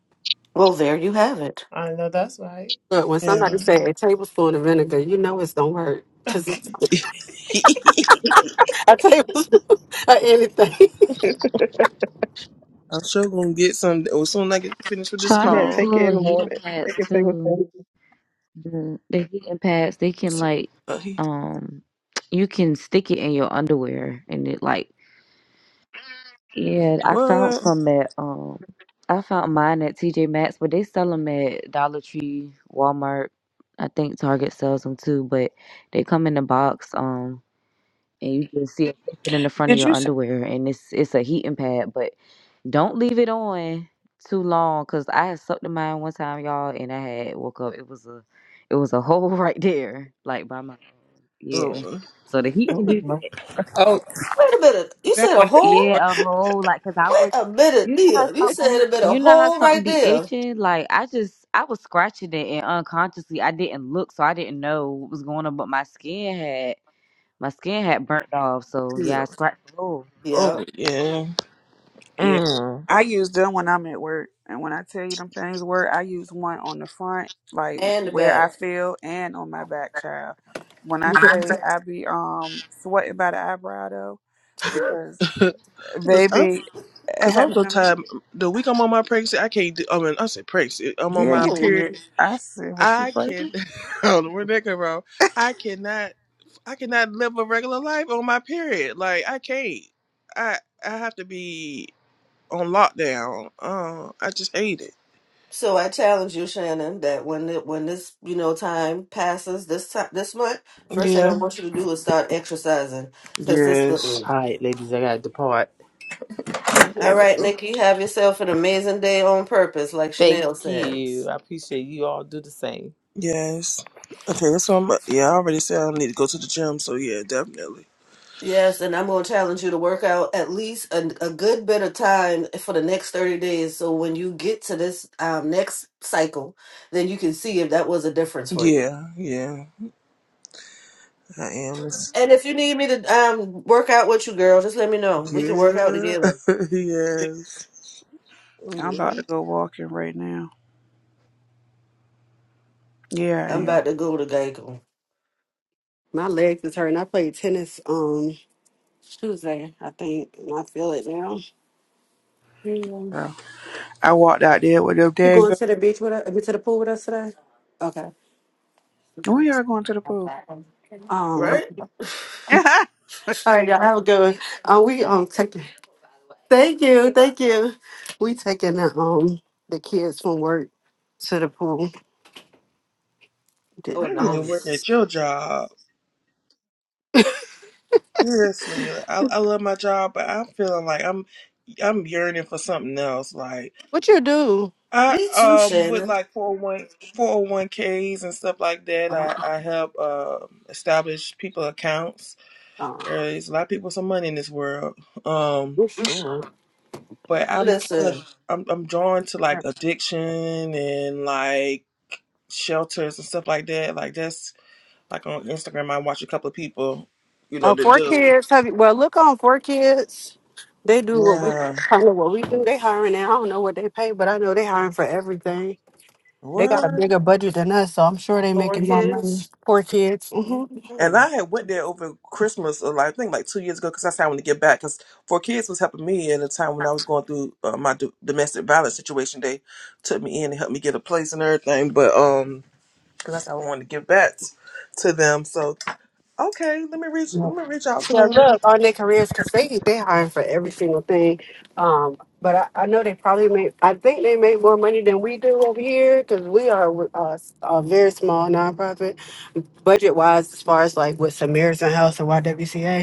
Speaker 3: Well, there you have it.
Speaker 8: I know that's right.
Speaker 6: Look, when somebody
Speaker 1: Yeah.
Speaker 6: say a tablespoon of vinegar, you know it's don't work because it's a tablespoon of anything.
Speaker 1: I'm sure gonna get some oh, as soon as I get finished with this
Speaker 5: Try
Speaker 4: yeah,
Speaker 5: those
Speaker 1: call.
Speaker 4: take it
Speaker 5: little
Speaker 4: in the
Speaker 5: heating
Speaker 4: morning.
Speaker 5: pads
Speaker 4: Take a
Speaker 5: too.
Speaker 4: tablespoon.
Speaker 5: the the heating pads they can
Speaker 1: So,
Speaker 5: like
Speaker 1: uh, he,
Speaker 5: um you can stick it in your underwear and it like yeah I found
Speaker 1: what?
Speaker 5: some at um I found mine at TJ Maxx but they sell them at Dollar Tree Walmart I think Target sells them too but they come in a box um and you can see it fit in the front of
Speaker 2: Did
Speaker 5: your
Speaker 2: you say?
Speaker 5: underwear and it's it's a heating pad but don't leave it on too long, cause I had sucked in mine one time, y'all, and I had woke up. It was a, it was a hole right there, like by my yeah.
Speaker 1: Oh,
Speaker 5: So the heat can
Speaker 4: Oh,
Speaker 5: do
Speaker 4: my.
Speaker 5: that.
Speaker 2: Oh,
Speaker 3: Wait a minute, you
Speaker 2: I use them
Speaker 3: said a
Speaker 2: when I'm at
Speaker 3: hole?
Speaker 2: work.
Speaker 5: Yeah, a hole, like, cause I
Speaker 3: Wait
Speaker 5: was,
Speaker 3: a minute,
Speaker 5: you know how
Speaker 3: dear. You said
Speaker 5: something,
Speaker 3: a bit
Speaker 5: you
Speaker 3: of
Speaker 5: know how
Speaker 3: hole
Speaker 5: something
Speaker 3: right
Speaker 5: be
Speaker 3: there.
Speaker 5: itching. Like I just, I was scratching it, and unconsciously I didn't look, so I didn't know what was going on. But my skin had, my skin had burnt off. So yeah,
Speaker 1: yeah.
Speaker 5: I scratched a hole.
Speaker 1: oh
Speaker 3: Yeah,
Speaker 1: yeah.
Speaker 2: Yeah,
Speaker 1: Mm.
Speaker 2: I use them when I'm at work, and when I tell you them things work, I use one on the front, like
Speaker 3: and the
Speaker 2: where I
Speaker 3: back.
Speaker 2: feel, and on my back, child. When I
Speaker 1: Because
Speaker 2: say I be um sweating by the eyebrow though, because uh,
Speaker 1: cause I'm,
Speaker 2: baby, uh,
Speaker 1: cause I'm
Speaker 2: having
Speaker 1: so
Speaker 2: them
Speaker 1: tired.
Speaker 2: heat.
Speaker 1: The week I'm on my pregnancy, I can't do. I mean, I said pregnancy. I'm on
Speaker 2: Yeah,
Speaker 1: my
Speaker 2: you
Speaker 6: Oh,
Speaker 2: did.
Speaker 1: period.
Speaker 2: I said, was she
Speaker 1: I can.
Speaker 2: pregnant?
Speaker 1: I don't know where that come from. I cannot. I cannot live a regular life on my period. Like I can't. I I have to be on lockdown. Uh, I just hate it.
Speaker 3: So I challenge you, Shannon, that when it, when this you know time passes this time this month, first thing I
Speaker 1: Yeah.
Speaker 3: want you to do is start exercising
Speaker 1: Yes.
Speaker 3: consistently.
Speaker 8: All right, ladies, I gotta depart.
Speaker 1: Okay,
Speaker 2: Okay,
Speaker 3: All
Speaker 2: but
Speaker 3: right,
Speaker 1: bro.
Speaker 3: Nikki, have yourself an amazing day on purpose, like
Speaker 8: Thank
Speaker 3: Chanel
Speaker 8: you.
Speaker 3: says.
Speaker 8: I appreciate you all do the same.
Speaker 1: Yes. Okay, that's what I'm. Yeah, I already said I need to go to the gym, so yeah, definitely.
Speaker 3: Yes, and I'm going to challenge you to work out at least a, a good bit of time for the next 30 days. So when you get to this um, next cycle, then you can see if that was a difference for you.
Speaker 1: Yeah, yeah, I am. It's,
Speaker 3: And if you need me to um, work out with you, girl, just let me know. We can work out
Speaker 1: yeah,
Speaker 3: together.
Speaker 1: yes.
Speaker 2: I'm about
Speaker 1: Yeah.
Speaker 2: to go walking right now. Yeah, I
Speaker 3: I'm
Speaker 2: am.
Speaker 3: about to go to Geico,
Speaker 6: my legs is hurting. I played tennis. Um. It's Tuesday, I think. and I feel it now. Mm.
Speaker 2: So, I walked out there with them
Speaker 6: You
Speaker 2: dang
Speaker 6: going to the beach with us? To the pool with us today? Okay.
Speaker 2: When y'all going to the pool?
Speaker 6: Um,
Speaker 2: Oh,
Speaker 6: All
Speaker 3: right?
Speaker 2: she she
Speaker 6: right,
Speaker 2: ain't
Speaker 6: y'all have a
Speaker 2: talking.
Speaker 6: good one. Uh, we um taking. Thank you, thank you. We taking the um the kids from work to the pool. Did
Speaker 3: Oh,
Speaker 1: I need
Speaker 6: um,
Speaker 1: to work
Speaker 3: nice.
Speaker 1: at your job. Seriously, like, I I love my job, but I'm feeling like I'm I'm yearning for something else. Like
Speaker 6: what you do?
Speaker 1: I
Speaker 3: Me too,
Speaker 1: um with
Speaker 3: Shannon.
Speaker 1: like 401 ks and stuff like that.
Speaker 6: Uh,
Speaker 1: I I help uh, establish people accounts
Speaker 6: uh,
Speaker 1: There's a lot of people with some money in this world. Um,
Speaker 6: you sure?
Speaker 1: but I'm kind
Speaker 3: Listen,
Speaker 1: of I'm I'm drawn to like addiction and like shelters and stuff like that. Like that's like on Instagram I watch a couple of people, you know,
Speaker 6: Oh,
Speaker 1: that
Speaker 6: four
Speaker 1: do
Speaker 6: kids. Have you, well, look on four kids. They do what we
Speaker 1: Yeah.
Speaker 6: kind of what we do. They hiring. now. I don't know what they pay, but I know they hiring for everything. They got a
Speaker 1: What?
Speaker 6: bigger budget than us, so I'm sure they
Speaker 3: four
Speaker 6: making more money.
Speaker 3: kids.
Speaker 6: Poor kids. hmm
Speaker 1: And
Speaker 3: Mhm.
Speaker 1: I had went there over Christmas, uh, like I think like two years ago, because that's how I wanted to get back. Because Four Kids was helping me at the time when I was going through uh, my do- domestic violence situation. They took me in and helped me get a place and everything. But um, because I wanted to give back to them. So okay, let me reach
Speaker 6: Yeah,
Speaker 1: let me reach out to
Speaker 6: Yeah,
Speaker 1: them.
Speaker 6: look, on their careers, because they they hiring for every single thing. Um, but I, I know they probably make. I think they make more money than we do over here because we are uh, a very small nonprofit budget wise, as far as like with Samaritan House and YWCA.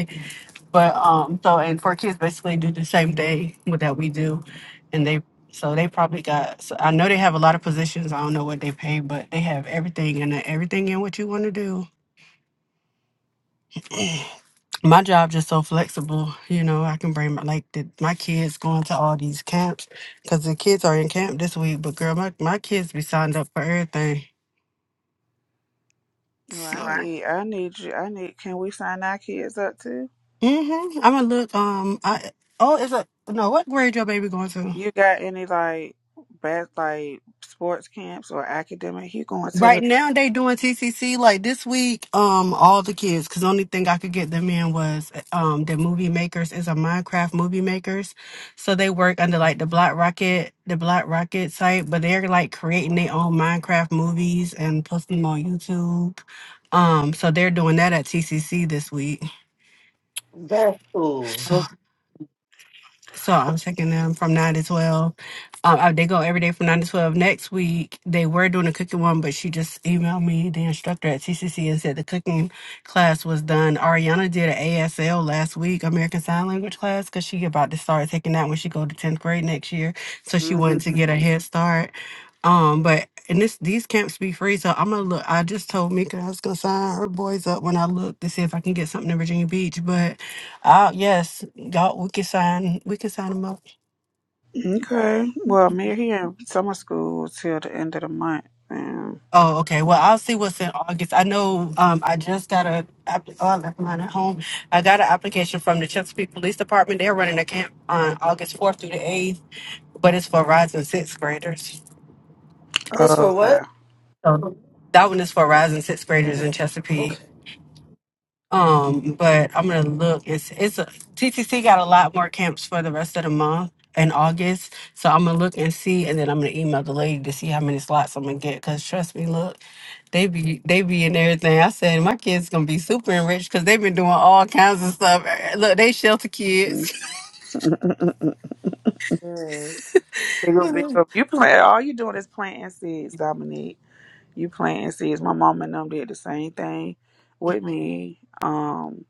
Speaker 6: But um, so and four kids basically do the same thing with that we do, and they so they probably got. So I know they have a lot of positions. I don't know what they pay, but they have everything and uh, everything in what you want to do. My job just so flexible. You know, I can bring my, like the, my kids going to all these camps because the kids are in camp this week. But girl, my my kids be signed up for everything.
Speaker 2: No,
Speaker 6: So,
Speaker 2: I need, I need you. I need. Can we sign our kids up too?
Speaker 6: mm-hmm. I'm gonna look. Um, I oh, is a no. What grade your baby going to?
Speaker 2: You got any like bad like sports camps or academic? He going to
Speaker 6: Right
Speaker 2: the.
Speaker 6: now they doing TCC like this week. Um, all the kids because only thing I could get them in was um the movie makers is a Minecraft movie makers, so they work under like the Black Rocket the Black Rocket site, but they're like creating their own Minecraft movies and posting them on YouTube. Um, so they're doing that at TCC this week.
Speaker 3: That's cool.
Speaker 6: So. So I'm checking them from nine to twelve. Um, I, they go every day from nine to twelve. Next week they were doing a cooking one, but she just emailed me the instructor at TCC and said the cooking class was done. Ariana did an ASL last week, American Sign Language class, because she about to start taking that when she go to tenth grade next year. So she
Speaker 2: Oh,
Speaker 6: wanted to get a head start. Um, but and this these camps be free, so I'm gonna look. I just told Mika I was gonna sign her boys up when I look to see if I can get something in Virginia Beach, but. Uh yes. Y'all, we can sign. We can sign them up.
Speaker 2: Okay. Well, I'm here in summer school till the end of the month. Mm.
Speaker 6: Oh, okay. Well, I'll see what's in August. I know. Um, I just got a. app- Oh, I left mine at home. I got an application from the Chesapeake Police Department. They're running a camp on August fourth through the eighth, but it's for rising sixth graders.
Speaker 3: It's for
Speaker 2: Okay.
Speaker 3: what?
Speaker 6: So that one is for rising sixth graders in
Speaker 3: Mm,
Speaker 6: Chesapeake.
Speaker 3: Okay,
Speaker 6: Um, but I'm gonna look. It's it's a, TTC got a lot more camps for the rest of the month in August, so I'm gonna look and see, and then I'm gonna email the lady to see how many slots I'm gonna get. Cause trust me, look, they be they be in everything. I said my kids gonna be super enriched because they've been doing all kinds of stuff. Eh, Look, they shelter kids.
Speaker 2: Mm.
Speaker 1: Mm,
Speaker 2: Big ol' big you plant all you doing is planting seeds, Dominique. you planting seeds. My mom and them did the same thing with me. Um,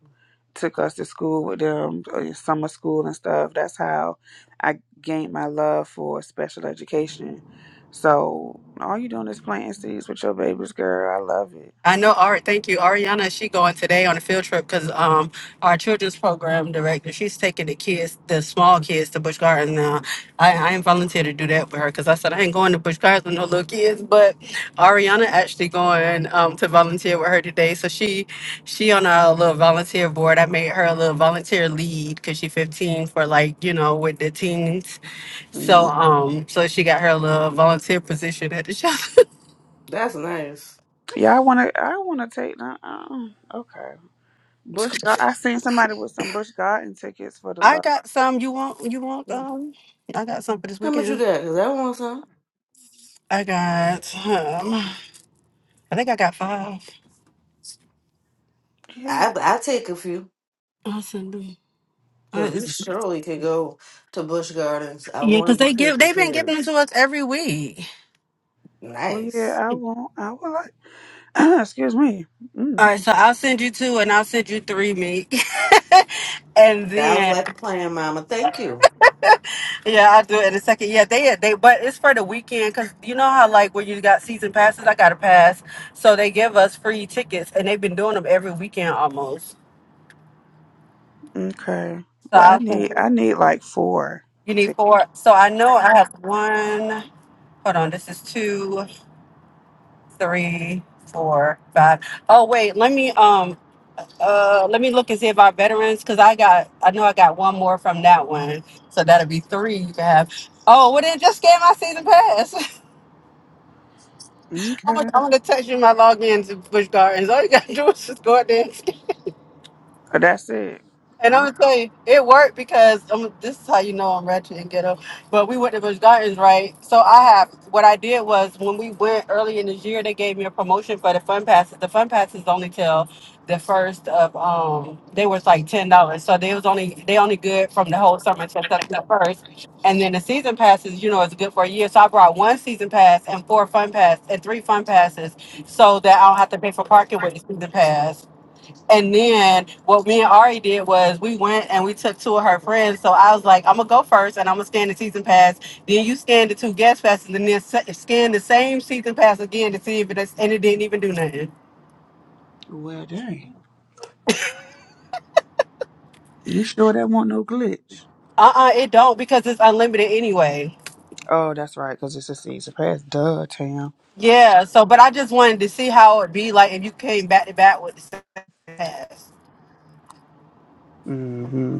Speaker 2: took us to school with them, uh, summer school and stuff. That's how I gained my love for special education. So all you doing is planting seeds with your babies, girl. I love it.
Speaker 6: I know. All right, thank you, Ariana. She going today on a field trip because um our children's program director. She's taking the kids, the small kids, to Busch Gardens now. I I ain't volunteered to do that with her because I said I ain't going to Busch Gardens with no little kids. But Ariana actually going um to volunteer with her today. So she she on our little volunteer board. I made her a little volunteer lead because she's 15 for like you know with the teens. So
Speaker 2: Mm.
Speaker 6: um so she got her little volunteer position at the shelter.
Speaker 3: that's nice.
Speaker 2: Yeah, I wanna, I wanna take. Uh, uh, okay, Bush. Gar- I seen somebody with some Bush Garden tickets for the
Speaker 6: I
Speaker 2: love.
Speaker 6: got some. You want? You want? Um, I got some for this
Speaker 3: How much you
Speaker 6: weekend.
Speaker 3: got? Cause I want some.
Speaker 6: I got. Um, I think I got five.
Speaker 3: I
Speaker 2: Hey,
Speaker 3: I take a few.
Speaker 6: I'll send them. Uh,
Speaker 3: Cause we
Speaker 6: it's,
Speaker 3: surely could go to Busch Gardens. I
Speaker 6: yeah, cause
Speaker 3: wanted to
Speaker 6: they
Speaker 3: take
Speaker 6: give.
Speaker 3: the
Speaker 6: They've been giving them to
Speaker 3: kids.
Speaker 6: us every week.
Speaker 2: well,
Speaker 3: Nice.
Speaker 2: yeah, I won't. I would like. excuse me. Mm.
Speaker 6: All right, so I'll send you two, and I'll send you three, me. and
Speaker 3: Sounds
Speaker 6: then,
Speaker 3: like a plan, Mama. Thank you.
Speaker 6: yeah, I'll do it in a second. Yeah, they they, but it's for the weekend, cause you know how like when you got season passes, I got a pass, so they give us free tickets, and they've been doing them every weekend almost.
Speaker 2: Okay.
Speaker 6: So
Speaker 2: Well, I
Speaker 6: I will send.
Speaker 2: need I need like four.
Speaker 6: You need
Speaker 2: to-
Speaker 6: four. So I know I have one. Hold on. This is two, three, four, five. Oh wait, let me um uh let me look and see if our veterans because I got I know I got one more from that one. So that'll be three you can have. Oh, well then just scan my season pass. I'm gonna,
Speaker 2: Okay.
Speaker 6: I'm gonna text you my login to Bush Gardens. All you gotta do is just go out there.
Speaker 2: Oh, that's it.
Speaker 6: And I'm
Speaker 2: I
Speaker 6: gonna tell you, it worked because um, this is how you know I'm ratchet and ghetto. But we went to Busch Gardens, right? So I have what I did was when we went early in this year, they gave me a promotion for the fun passes. The fun passes only till the first of um, they was like ten dollars. So they was only they only good from the whole summer till September first. And then the season passes, you know, it's good for a year. So I brought one season pass and four fun pass and three fun passes, so that I don't have to pay for parking with the season pass. And then what me and Ari did was we went and we took two of her friends. So I was like, I'm gonna go first and I'm gonna scan the season pass. Then you scan the two guest passes and then se- scan the same season pass again to see if it's and it didn't even do nothing.
Speaker 2: do Well, dang. You sure that won't no glitch?
Speaker 6: Uh uh it don't because it's unlimited anyway.
Speaker 2: Oh, that's right, because it's a season pass. Duh, Tam.
Speaker 6: Yeah. So, but I just wanted to see how it'd be like if you came back to back with the same pass.
Speaker 2: Mm-hmm.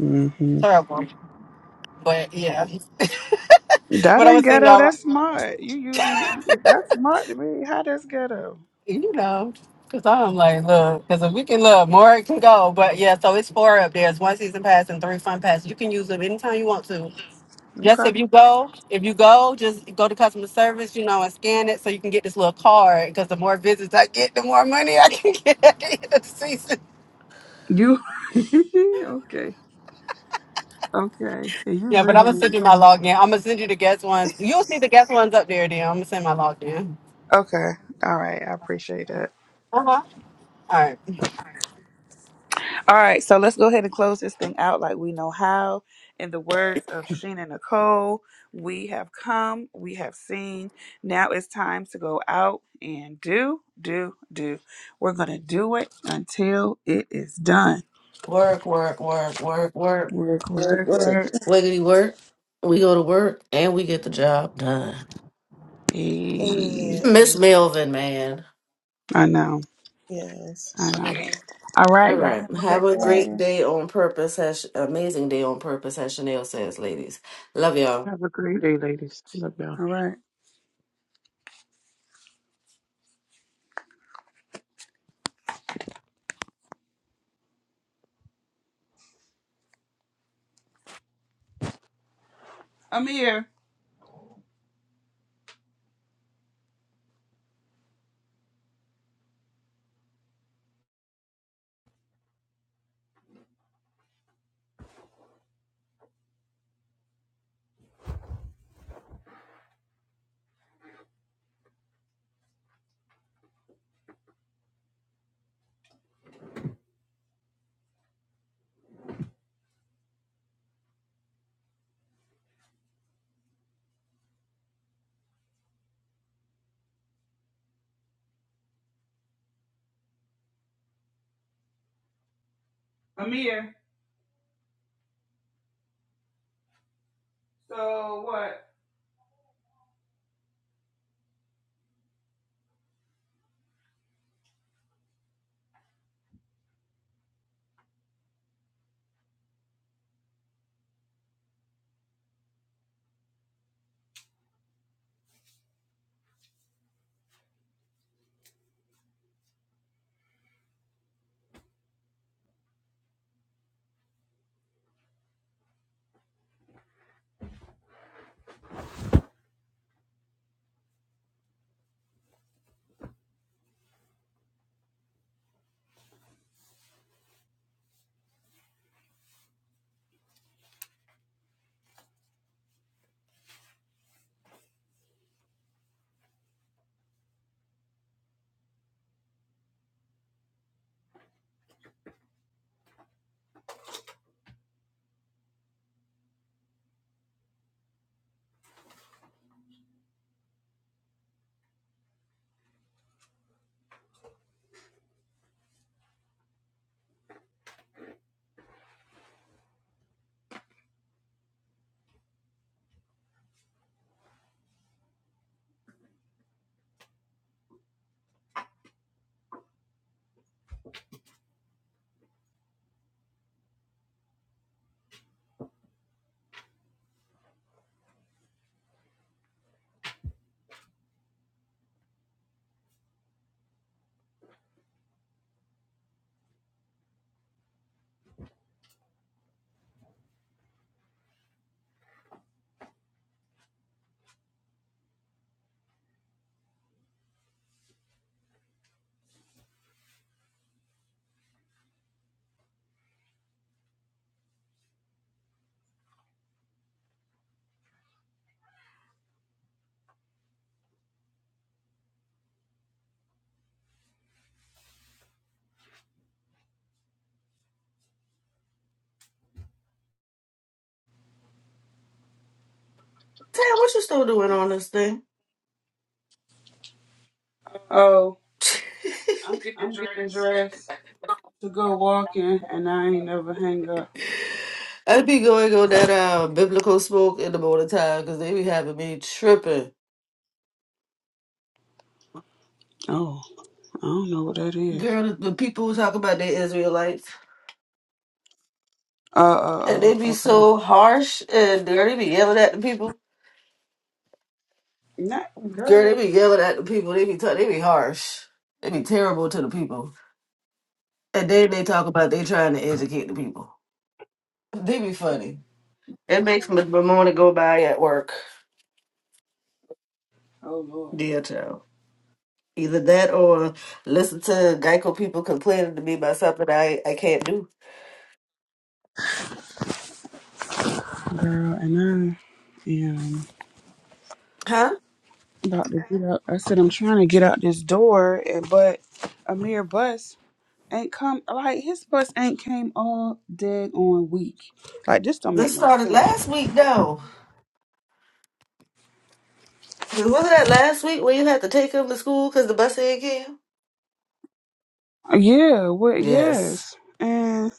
Speaker 2: Mm-hmm.
Speaker 6: Terrible. But yeah.
Speaker 2: That
Speaker 6: But I'm gonna
Speaker 2: ain't
Speaker 6: send
Speaker 2: ghetto.
Speaker 6: y'all.
Speaker 2: That's smart. You using it. That's smart to me. How that's ghetto?
Speaker 6: you know, because I'm like, look, because if we can look, more it can go. But yeah, so it's four up there. It's one season pass and three fun passes. You can use them anytime you want to. Just if
Speaker 2: Okay.
Speaker 6: you go, if you go, just go to customer service, you know, and scan it so you can get this little card. Because the more visits I get, the more money I can get at the end of the season.
Speaker 2: You. okay. Okay. You
Speaker 6: Yeah, but I'm
Speaker 2: real.
Speaker 6: gonna send you
Speaker 2: weird.
Speaker 6: my login. I'm gonna send you the guest ones. You'll see the guest ones up there. Then I'm gonna send my login.
Speaker 2: Okay. All right. I appreciate that.
Speaker 6: Uh huh. All right.
Speaker 2: All right, so let's go ahead and close this thing out like we know how. In the words of Sheena Nicole, we have come, we have seen. Now it's time to go out and do, do, do. We're going to do it until it is done.
Speaker 3: Work, work, work, work, work.
Speaker 2: Work,
Speaker 1: Work,
Speaker 2: work,
Speaker 1: work.
Speaker 2: work.
Speaker 3: Wiggity work. We go to work and we get the job done.
Speaker 2: Eh,
Speaker 1: Amen.
Speaker 3: Miss Melvin, man.
Speaker 2: I know,
Speaker 1: Yes.
Speaker 2: I know. All right,
Speaker 3: All
Speaker 2: y'all
Speaker 3: right.
Speaker 2: have a
Speaker 3: Have
Speaker 2: good
Speaker 3: a
Speaker 1: um,
Speaker 3: great
Speaker 2: day.
Speaker 3: day on purpose. As, amazing day on purpose, as Chanel says, ladies. Love y'all.
Speaker 4: Have a great day, ladies. Love y'all.
Speaker 2: All right. Amir, Amir, so what?
Speaker 3: Tam, what you still doing on this thing?
Speaker 2: Oh,
Speaker 3: i
Speaker 2: I'm getting dressed. to go walking and I ain't never hang up.
Speaker 3: am I be going on that uh, biblical smoke in the morning time because they be having me tripping.
Speaker 2: Oh, I don't know what that is.
Speaker 3: Girl, the people who talk about they Israelites
Speaker 2: Uh,
Speaker 3: and
Speaker 2: uh,
Speaker 3: they
Speaker 2: uh,
Speaker 3: be
Speaker 2: okay.
Speaker 3: so harsh and dirty, be yelling at the people.
Speaker 2: Not,
Speaker 3: Girl,
Speaker 2: girl.
Speaker 3: they be yelling at the people. They be t- they be harsh. They be terrible to the people. And then they talk about they trying to educate the people. They be funny. It makes me my morning go by at work.
Speaker 2: Oh, Lord.
Speaker 3: Dear child. Either that or listen to Geico people complaining to me about something I, I can't do.
Speaker 2: Girl, and I am
Speaker 3: Huh?
Speaker 2: about to get up. I said, I'm trying to get out this door, and but a mere bus ain't come. Like, his bus ain't came all dead on week. Like, this don't make
Speaker 3: This
Speaker 2: no
Speaker 3: started
Speaker 2: sense.
Speaker 3: last week though. Cause wasn't that last week when you had to take them to school because the bus ain't came?
Speaker 2: Yeah, what?
Speaker 3: Yes.
Speaker 2: Yes. And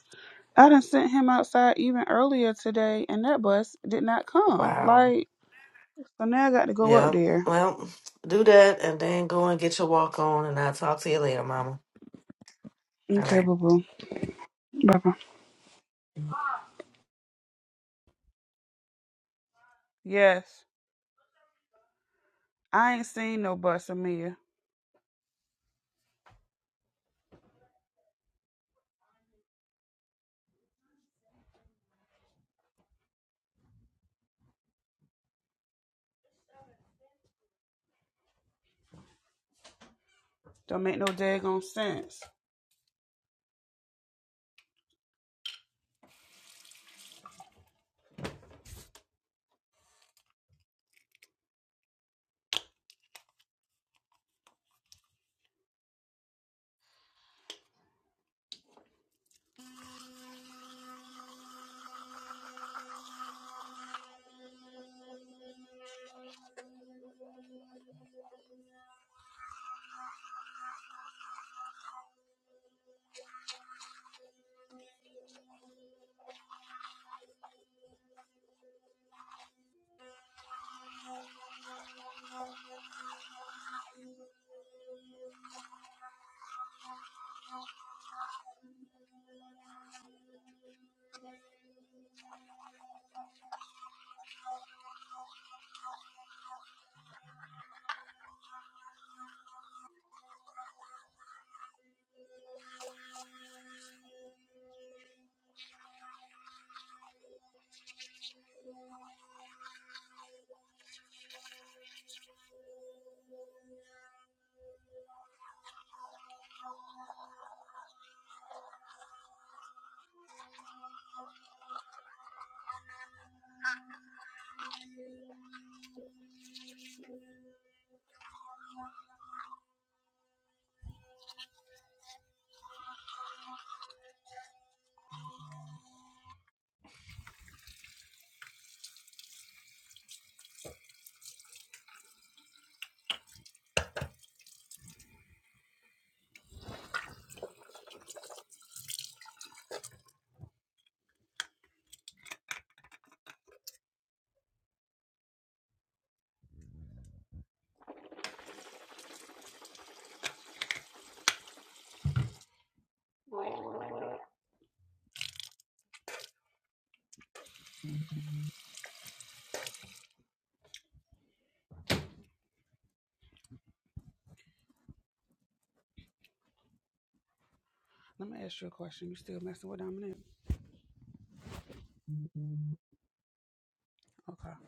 Speaker 2: I done sent him outside even earlier today, and that bus did not come.
Speaker 3: Wow.
Speaker 2: Like, So now I got to go up
Speaker 3: Yeah.
Speaker 2: there.
Speaker 3: Well, do that and then go and get your walk on, and I'll talk to you later, Mama. All
Speaker 2: Okay,
Speaker 3: right.
Speaker 2: boo boo. Bye bye. Yes. I ain't seen no bus, Amia. Don't make no daggone sense. Let me ask you a question. You still messing with Dominic? Okay.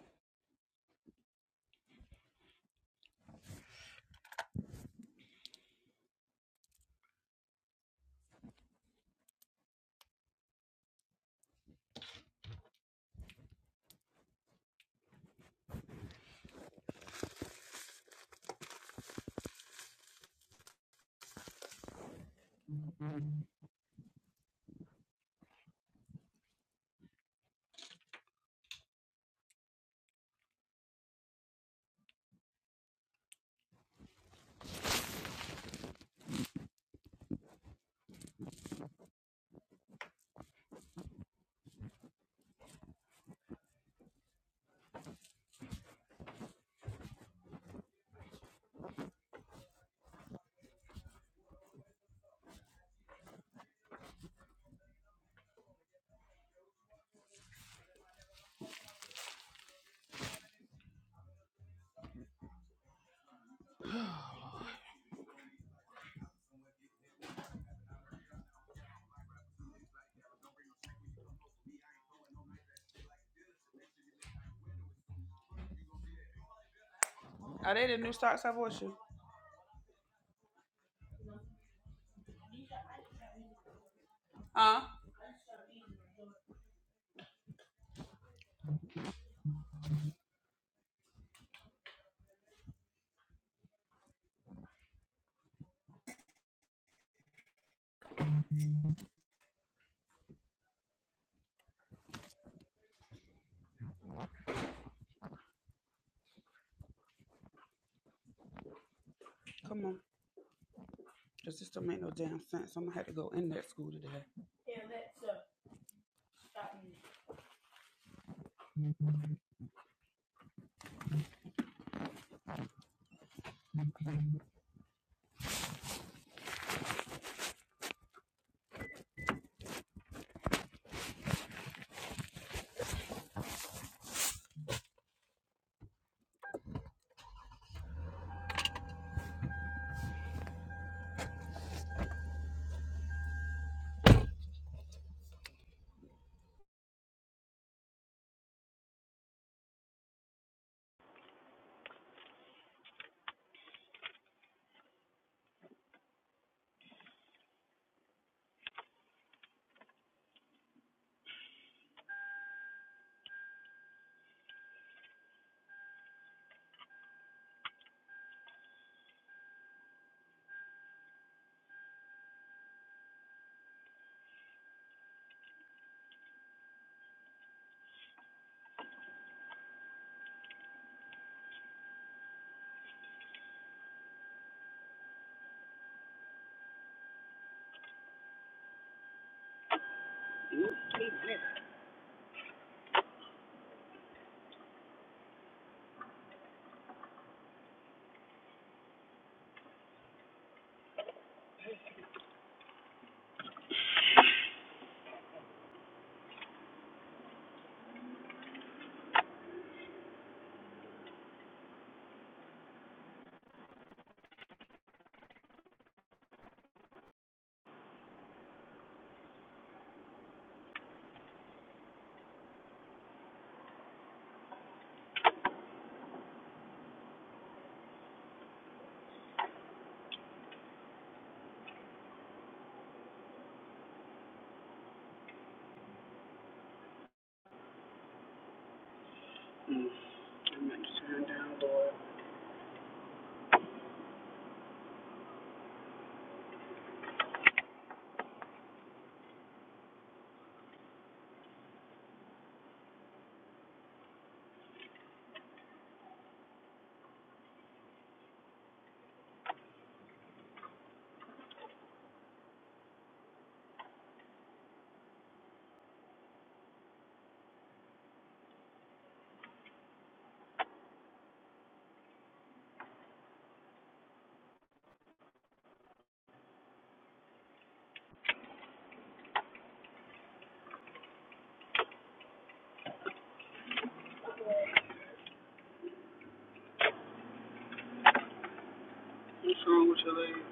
Speaker 2: Are they the new stocks I bought you? Huh? Come on. Cause this just don't make no damn sense. I'm gonna have to go in that school today. Mm. I'm gonna turn down, Lord. What's wrong with your leg?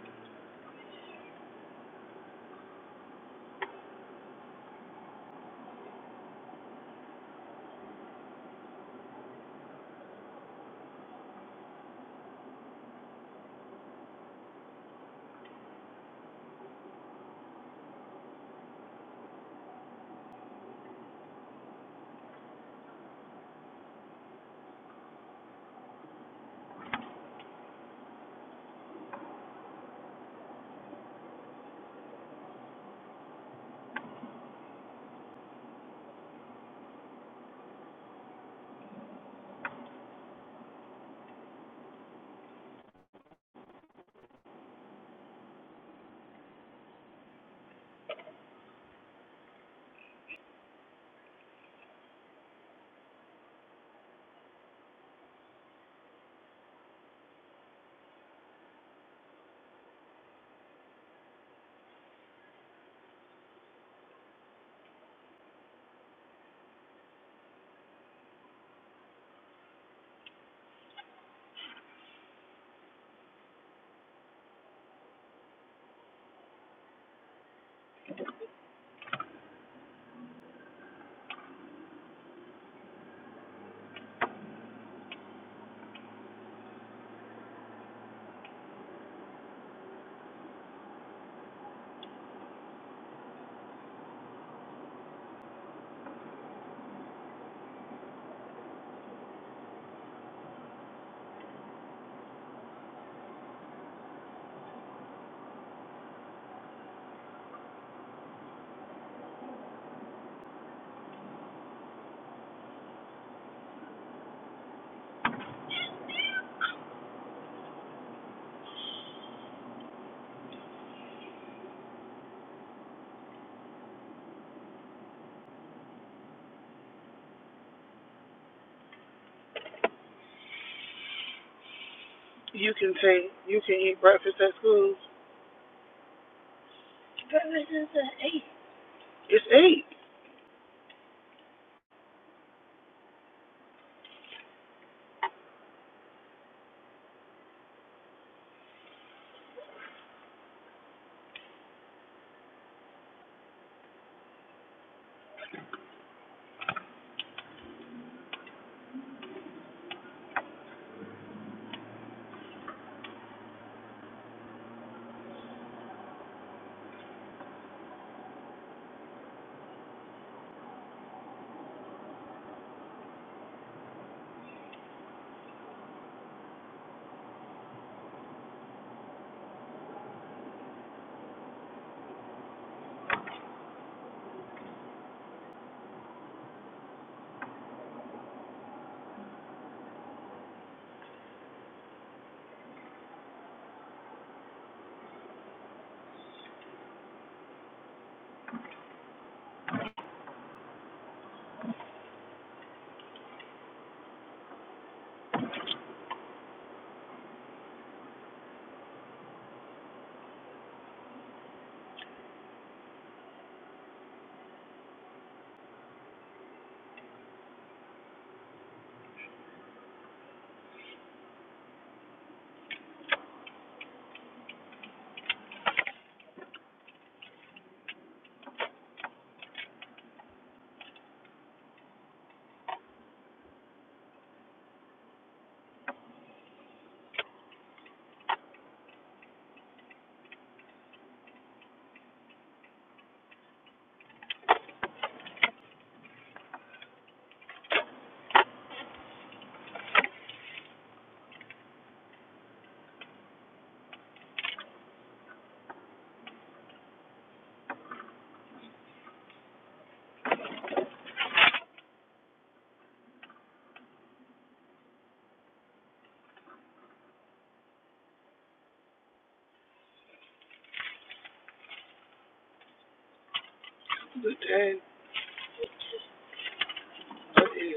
Speaker 2: You can take, you can eat breakfast at school. Breakfast is at 8. It's 8. Good day. That is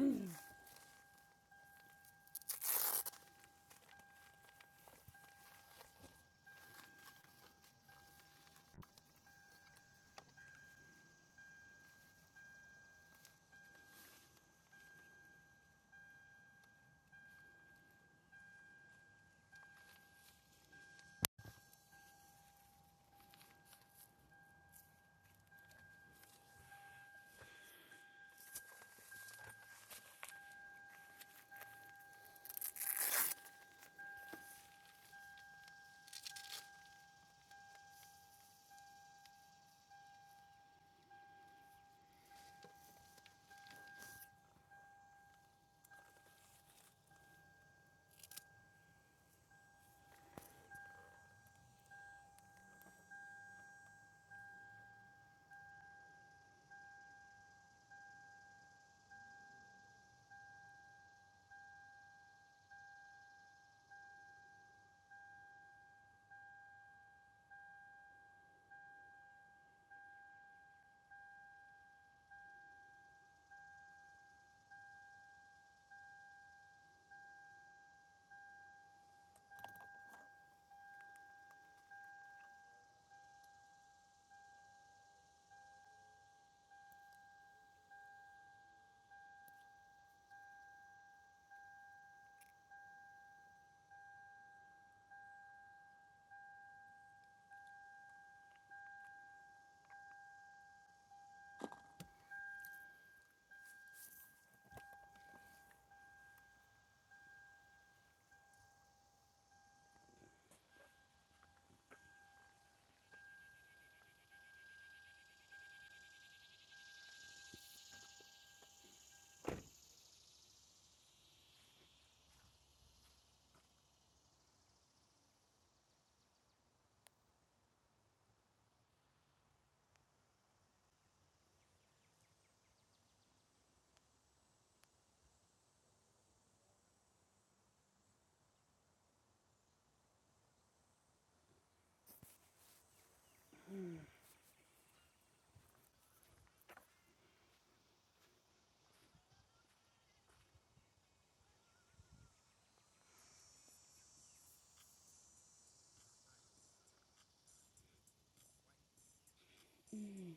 Speaker 2: I'm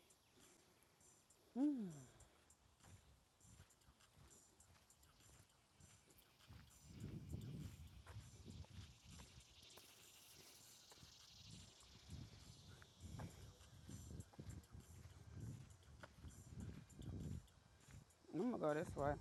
Speaker 2: gonna go this way.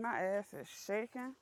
Speaker 2: My ass is shaking.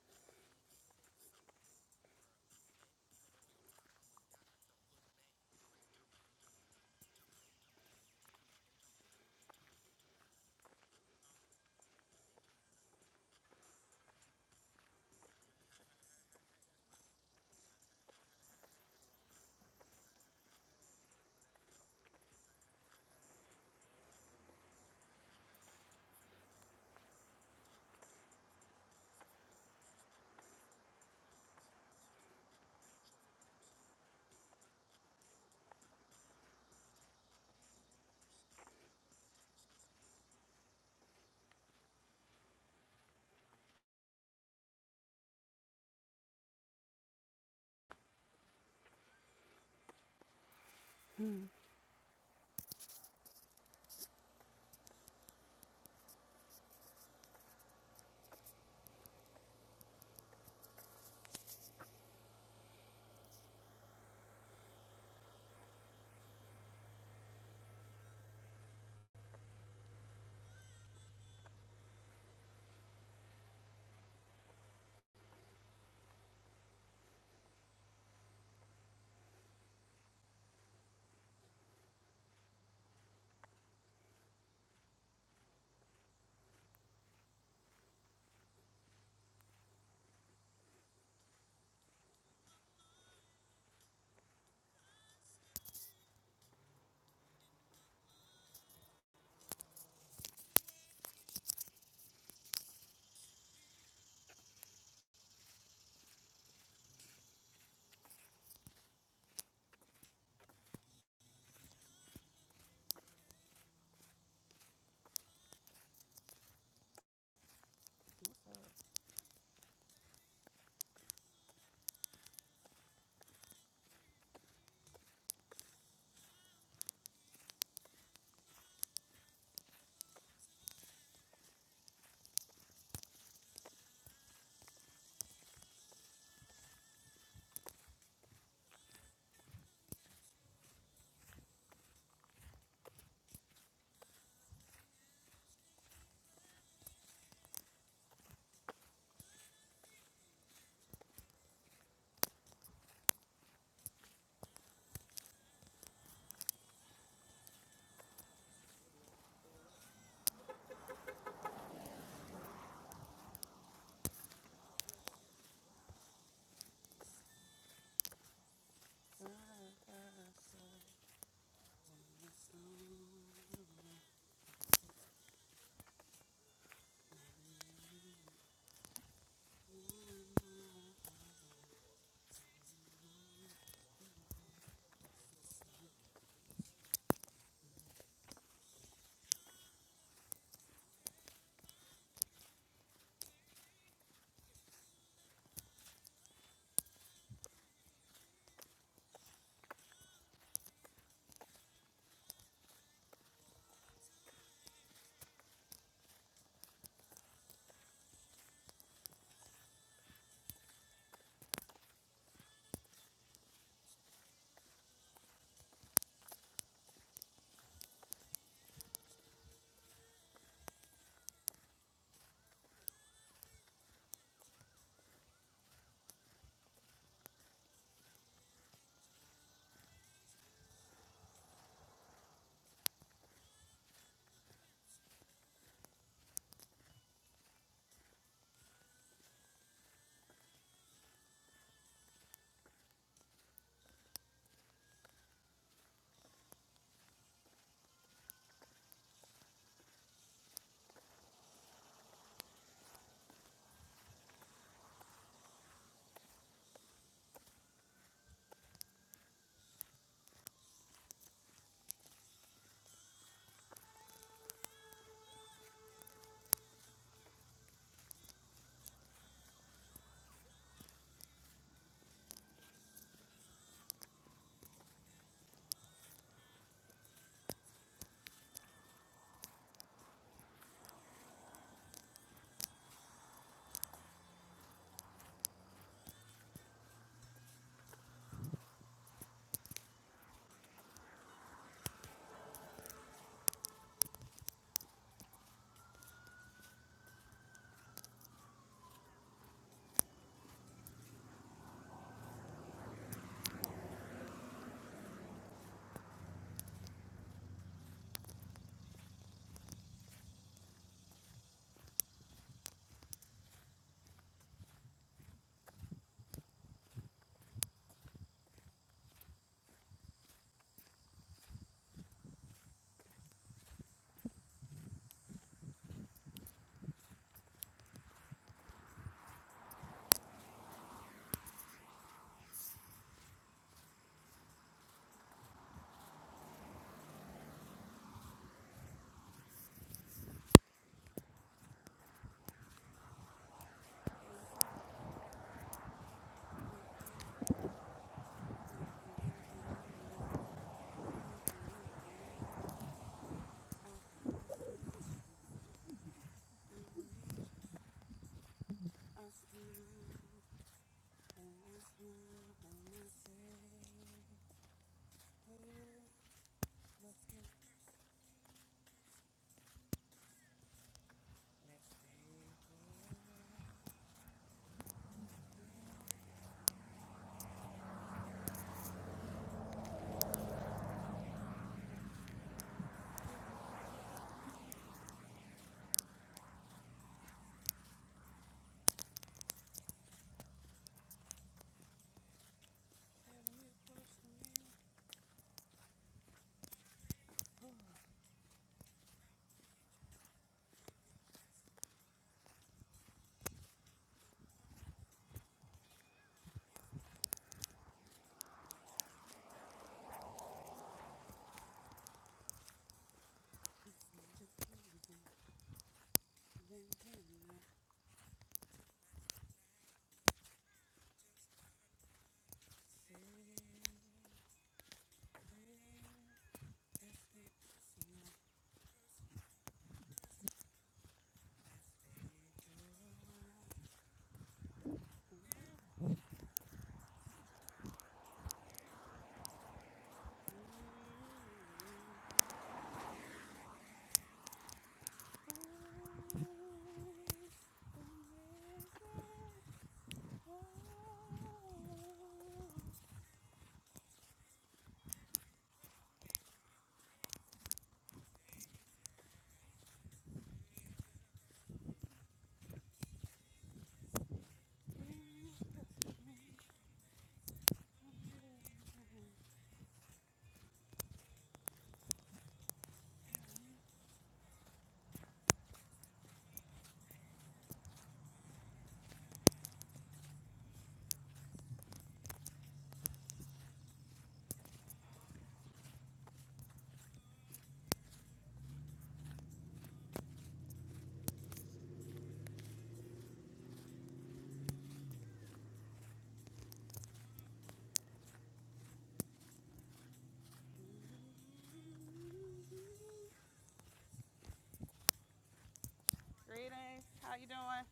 Speaker 2: Greetings. How you doing?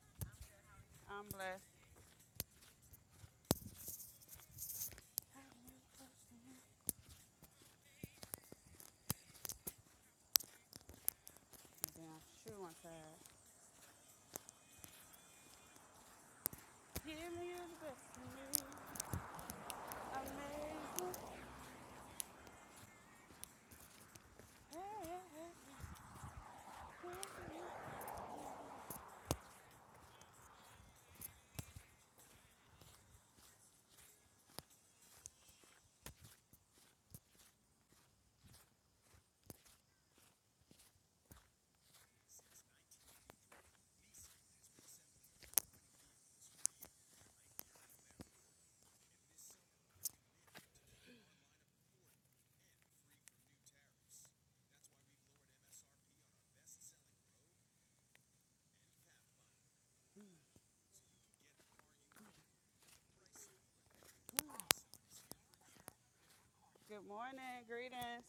Speaker 2: I'm blessed. Damn shoe on Give me your best Amazing. Good morning. Greetings.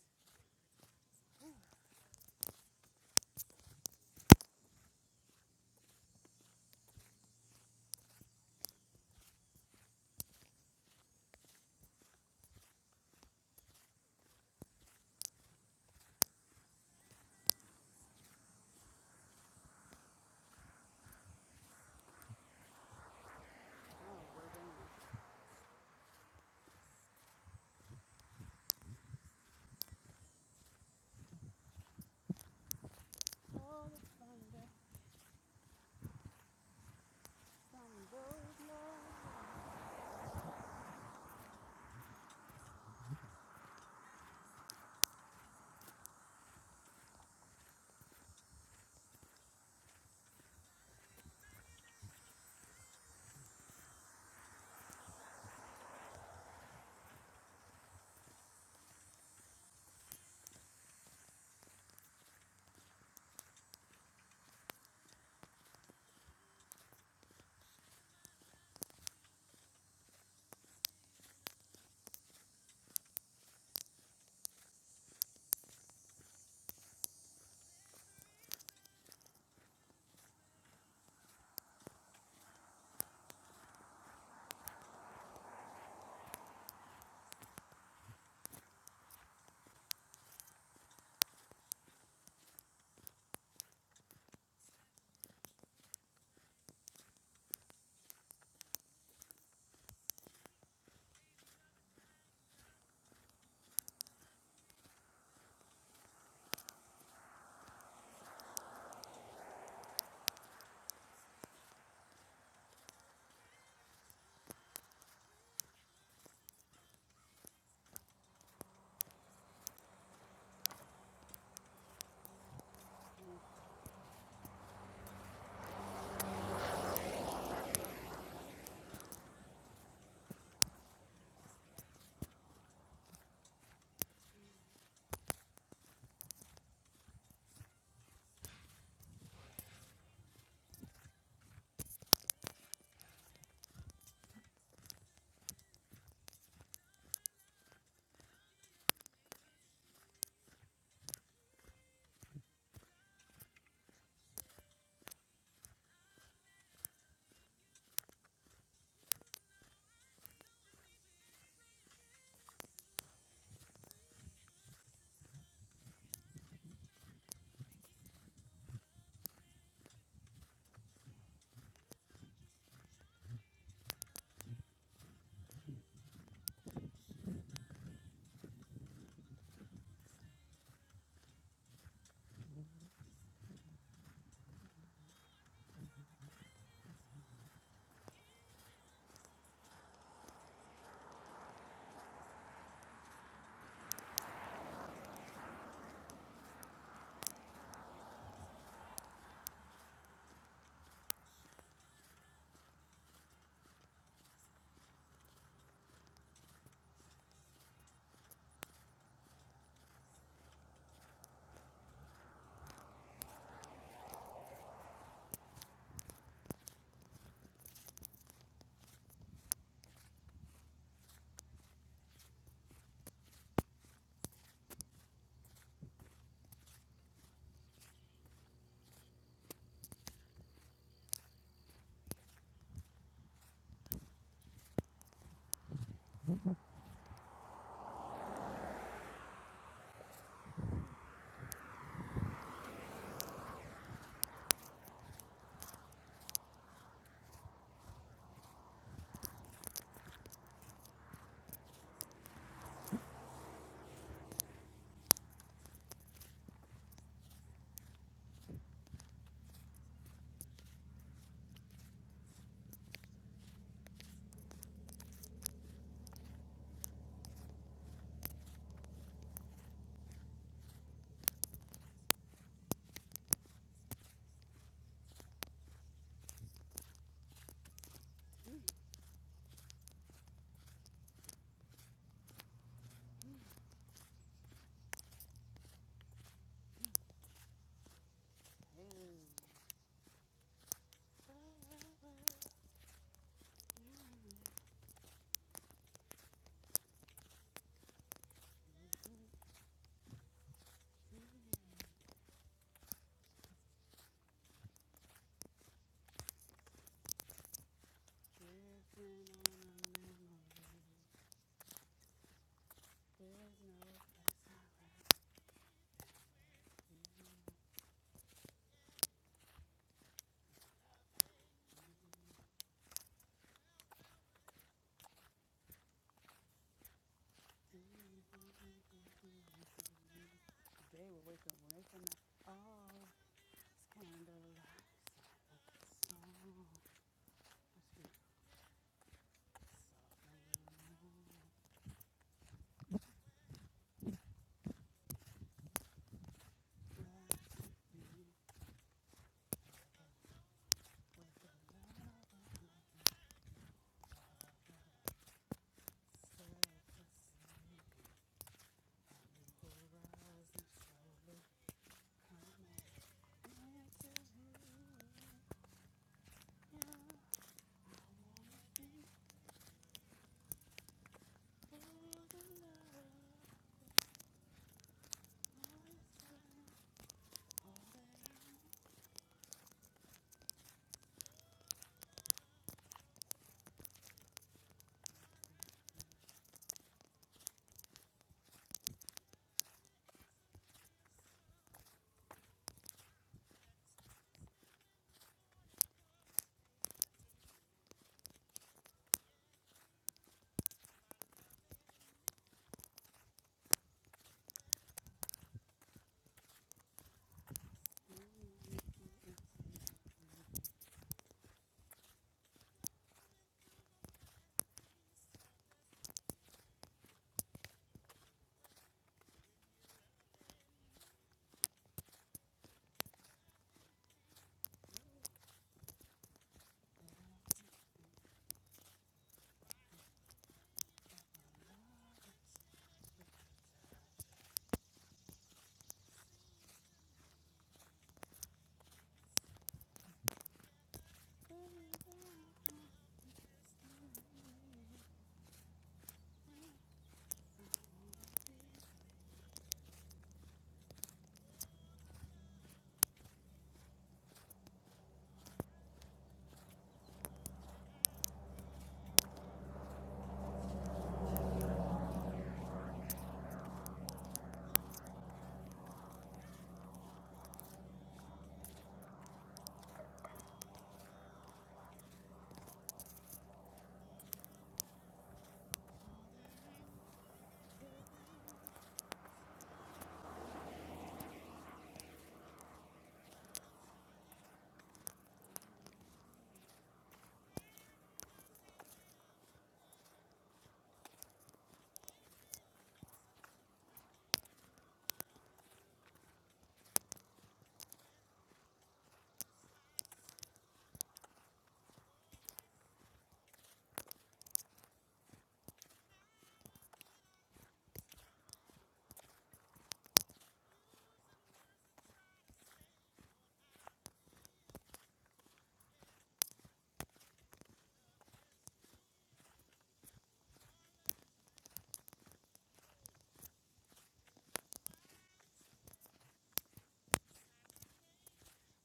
Speaker 2: Oh,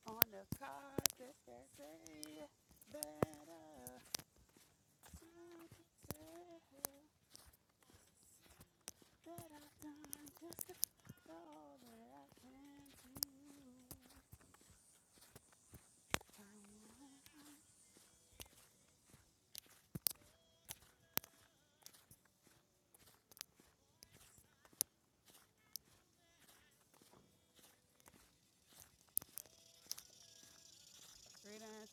Speaker 2: on the card that say better written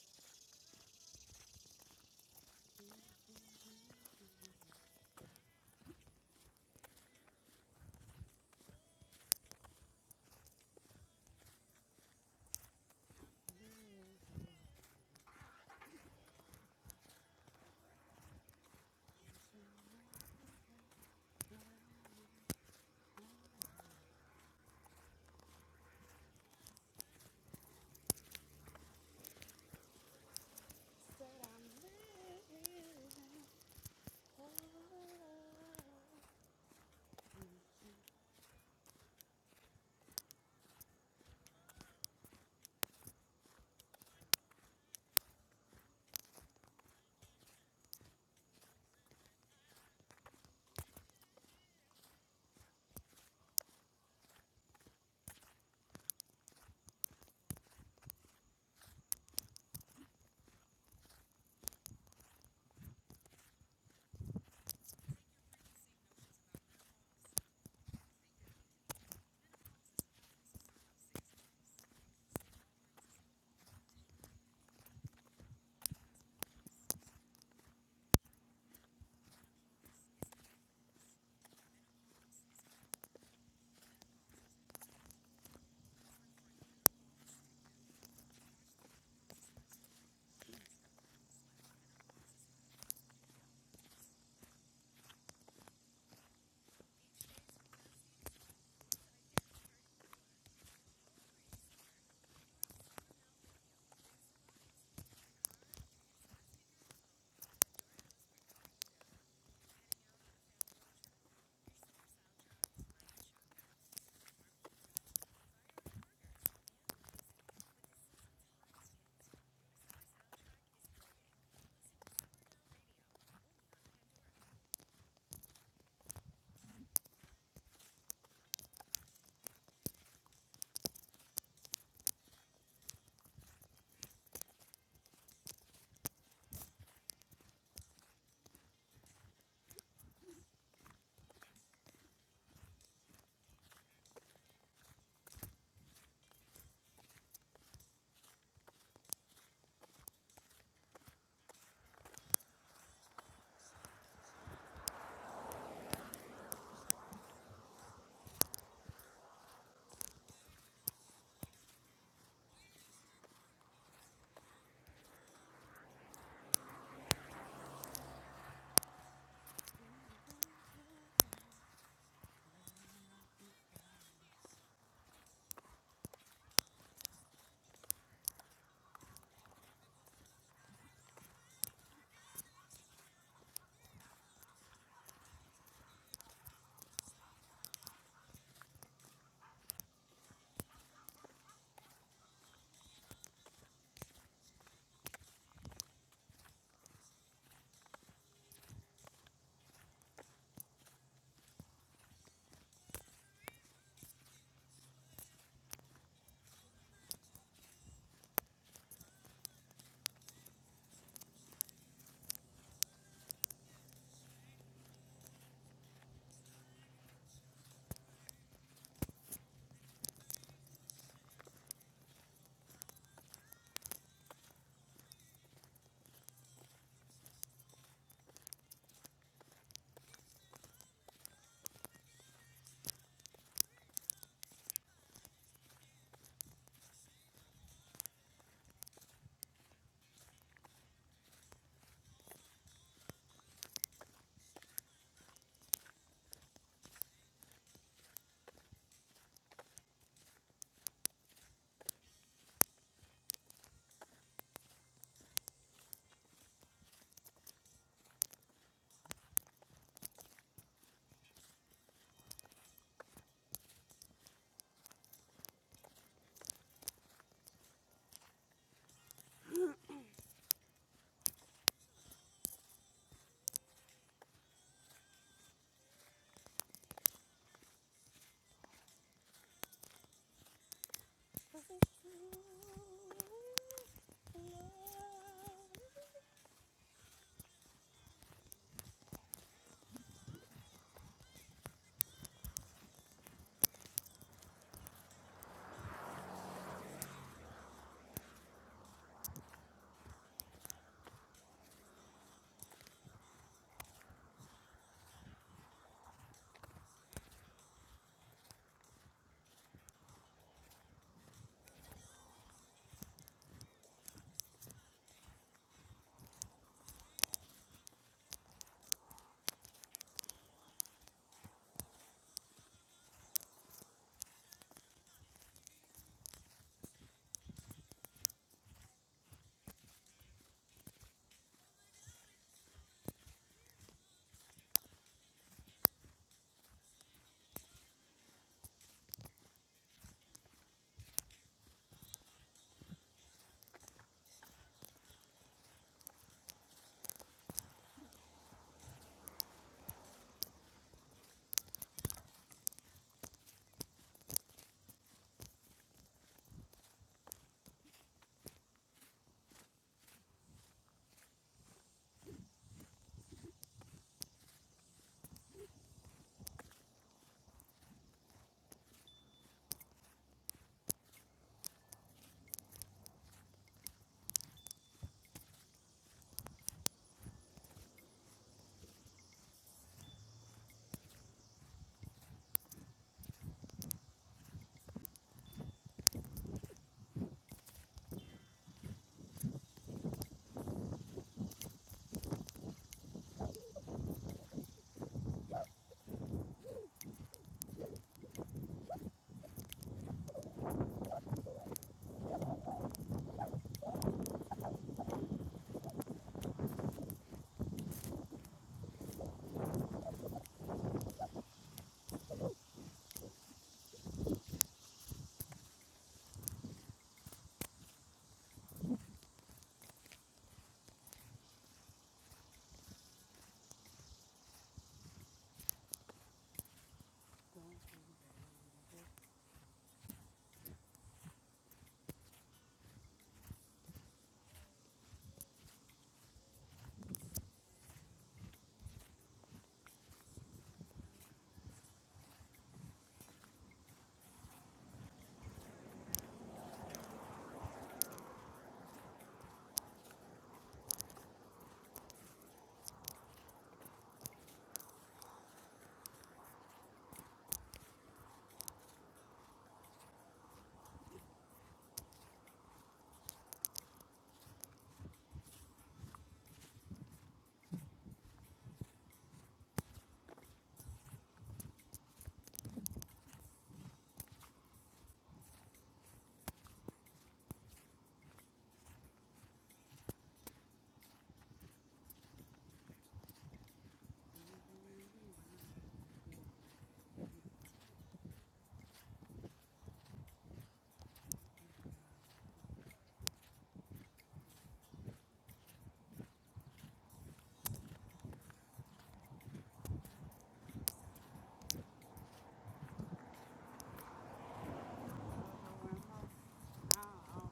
Speaker 2: on.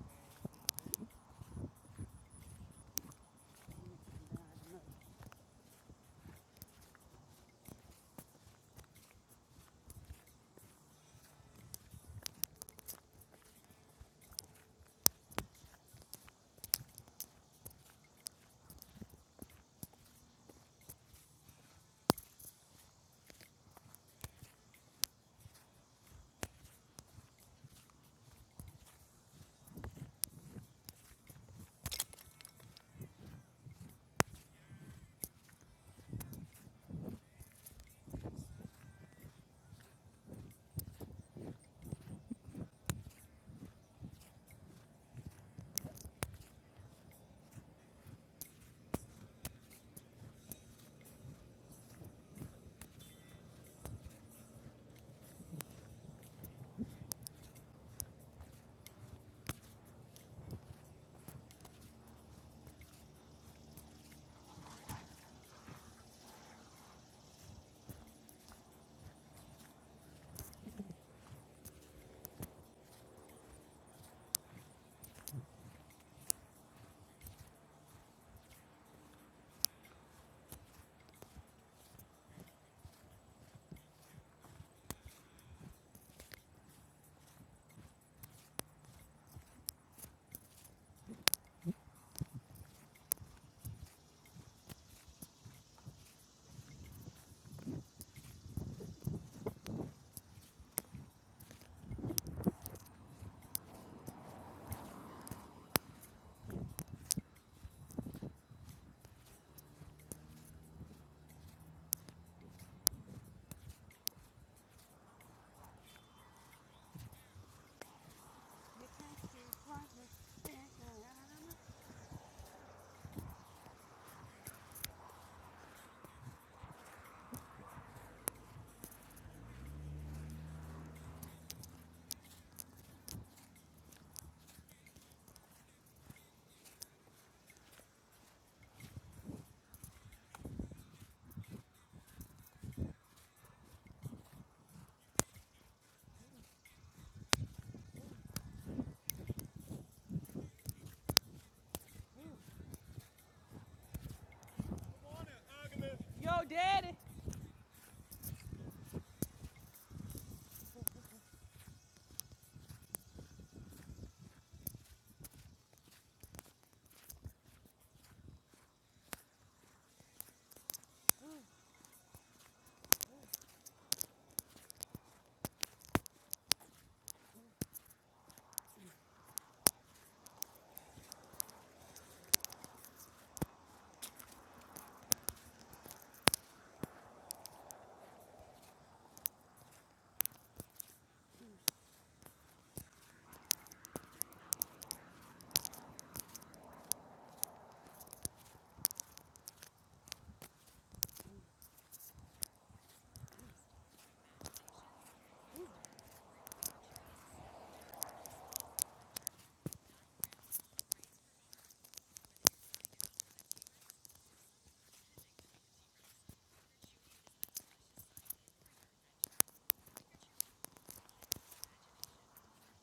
Speaker 2: Yo, daddy.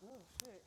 Speaker 2: Oh, shit.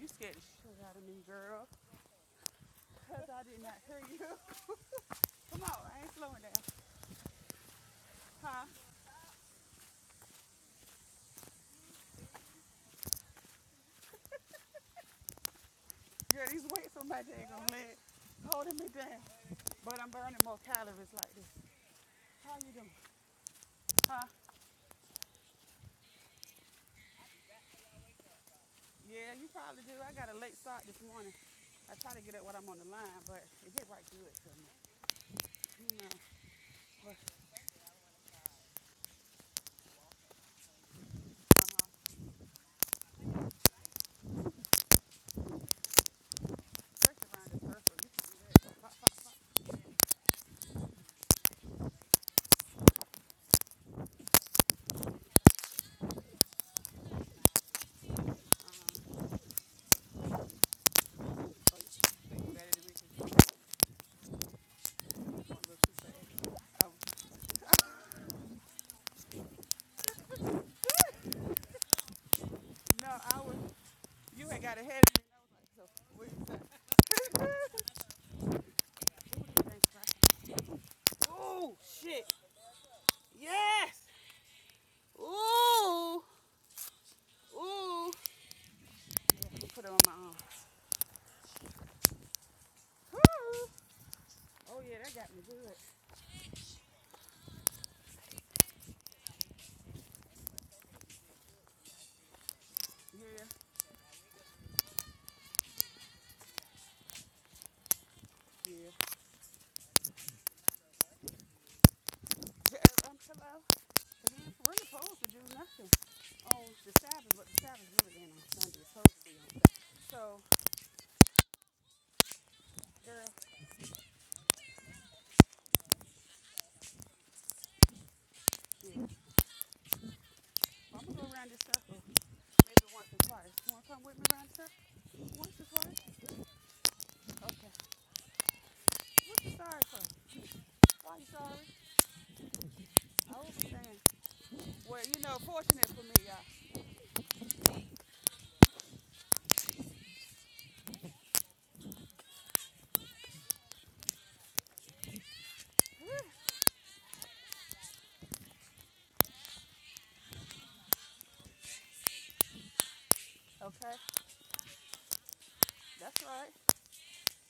Speaker 2: You scared the shit out of me, girl, because I did not hear you. Come on, I ain't slowing down. Huh? Girl, these weights on my daggone let holding me down, but I'm burning more calories like this. How you doing? Huh? Yeah, you probably do. I got a late start this morning. I try to get up when I'm on the line, but it get right good to me. You know, but first around the circle, you better than me. No, I was You ain't got a head. in it. I was like, So, what you say? Ooh, shit. Yes. Ooh. Ooh. Yeah, Put it on my arm. Ooh. Oh yeah, that got me good. Yeah. Yeah. Yeah, Um, hello. Cause you ain't really supposed to do nothing on the Sabbath, but the Sabbath really ain't on Sunday. It's supposed to be on Sunday. So, girl, yeah. I'm gonna go around this circle maybe once or twice. You wanna come with me around the circle once or twice? Okay. What you sorry for? Why you sorry? I was saying Well, you know, fortunate for me, y'all. Okay, that's right.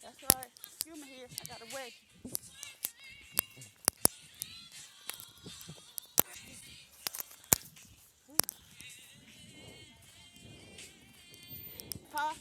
Speaker 2: That's right. Excuse me here. I got to wait. Pa,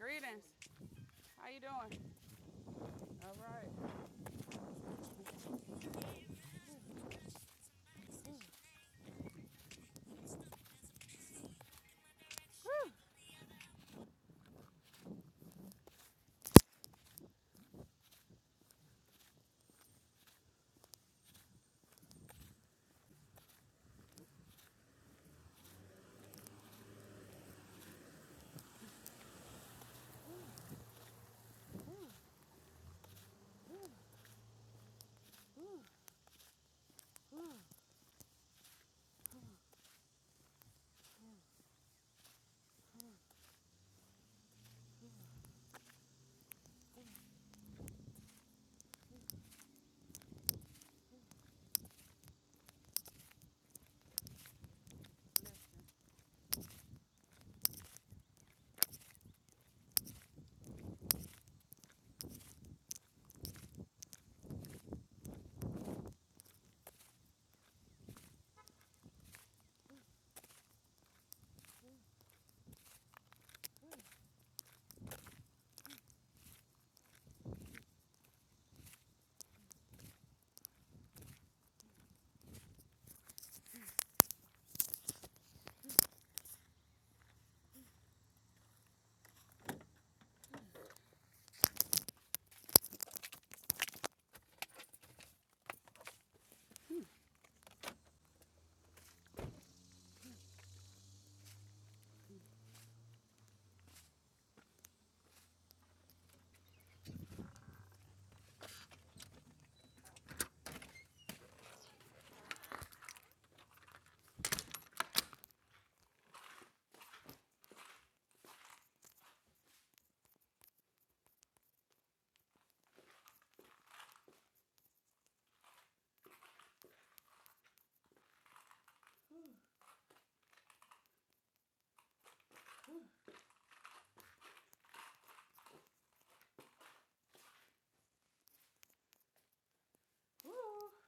Speaker 2: greetings. How you doing? All right. Woo.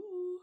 Speaker 2: Ooh.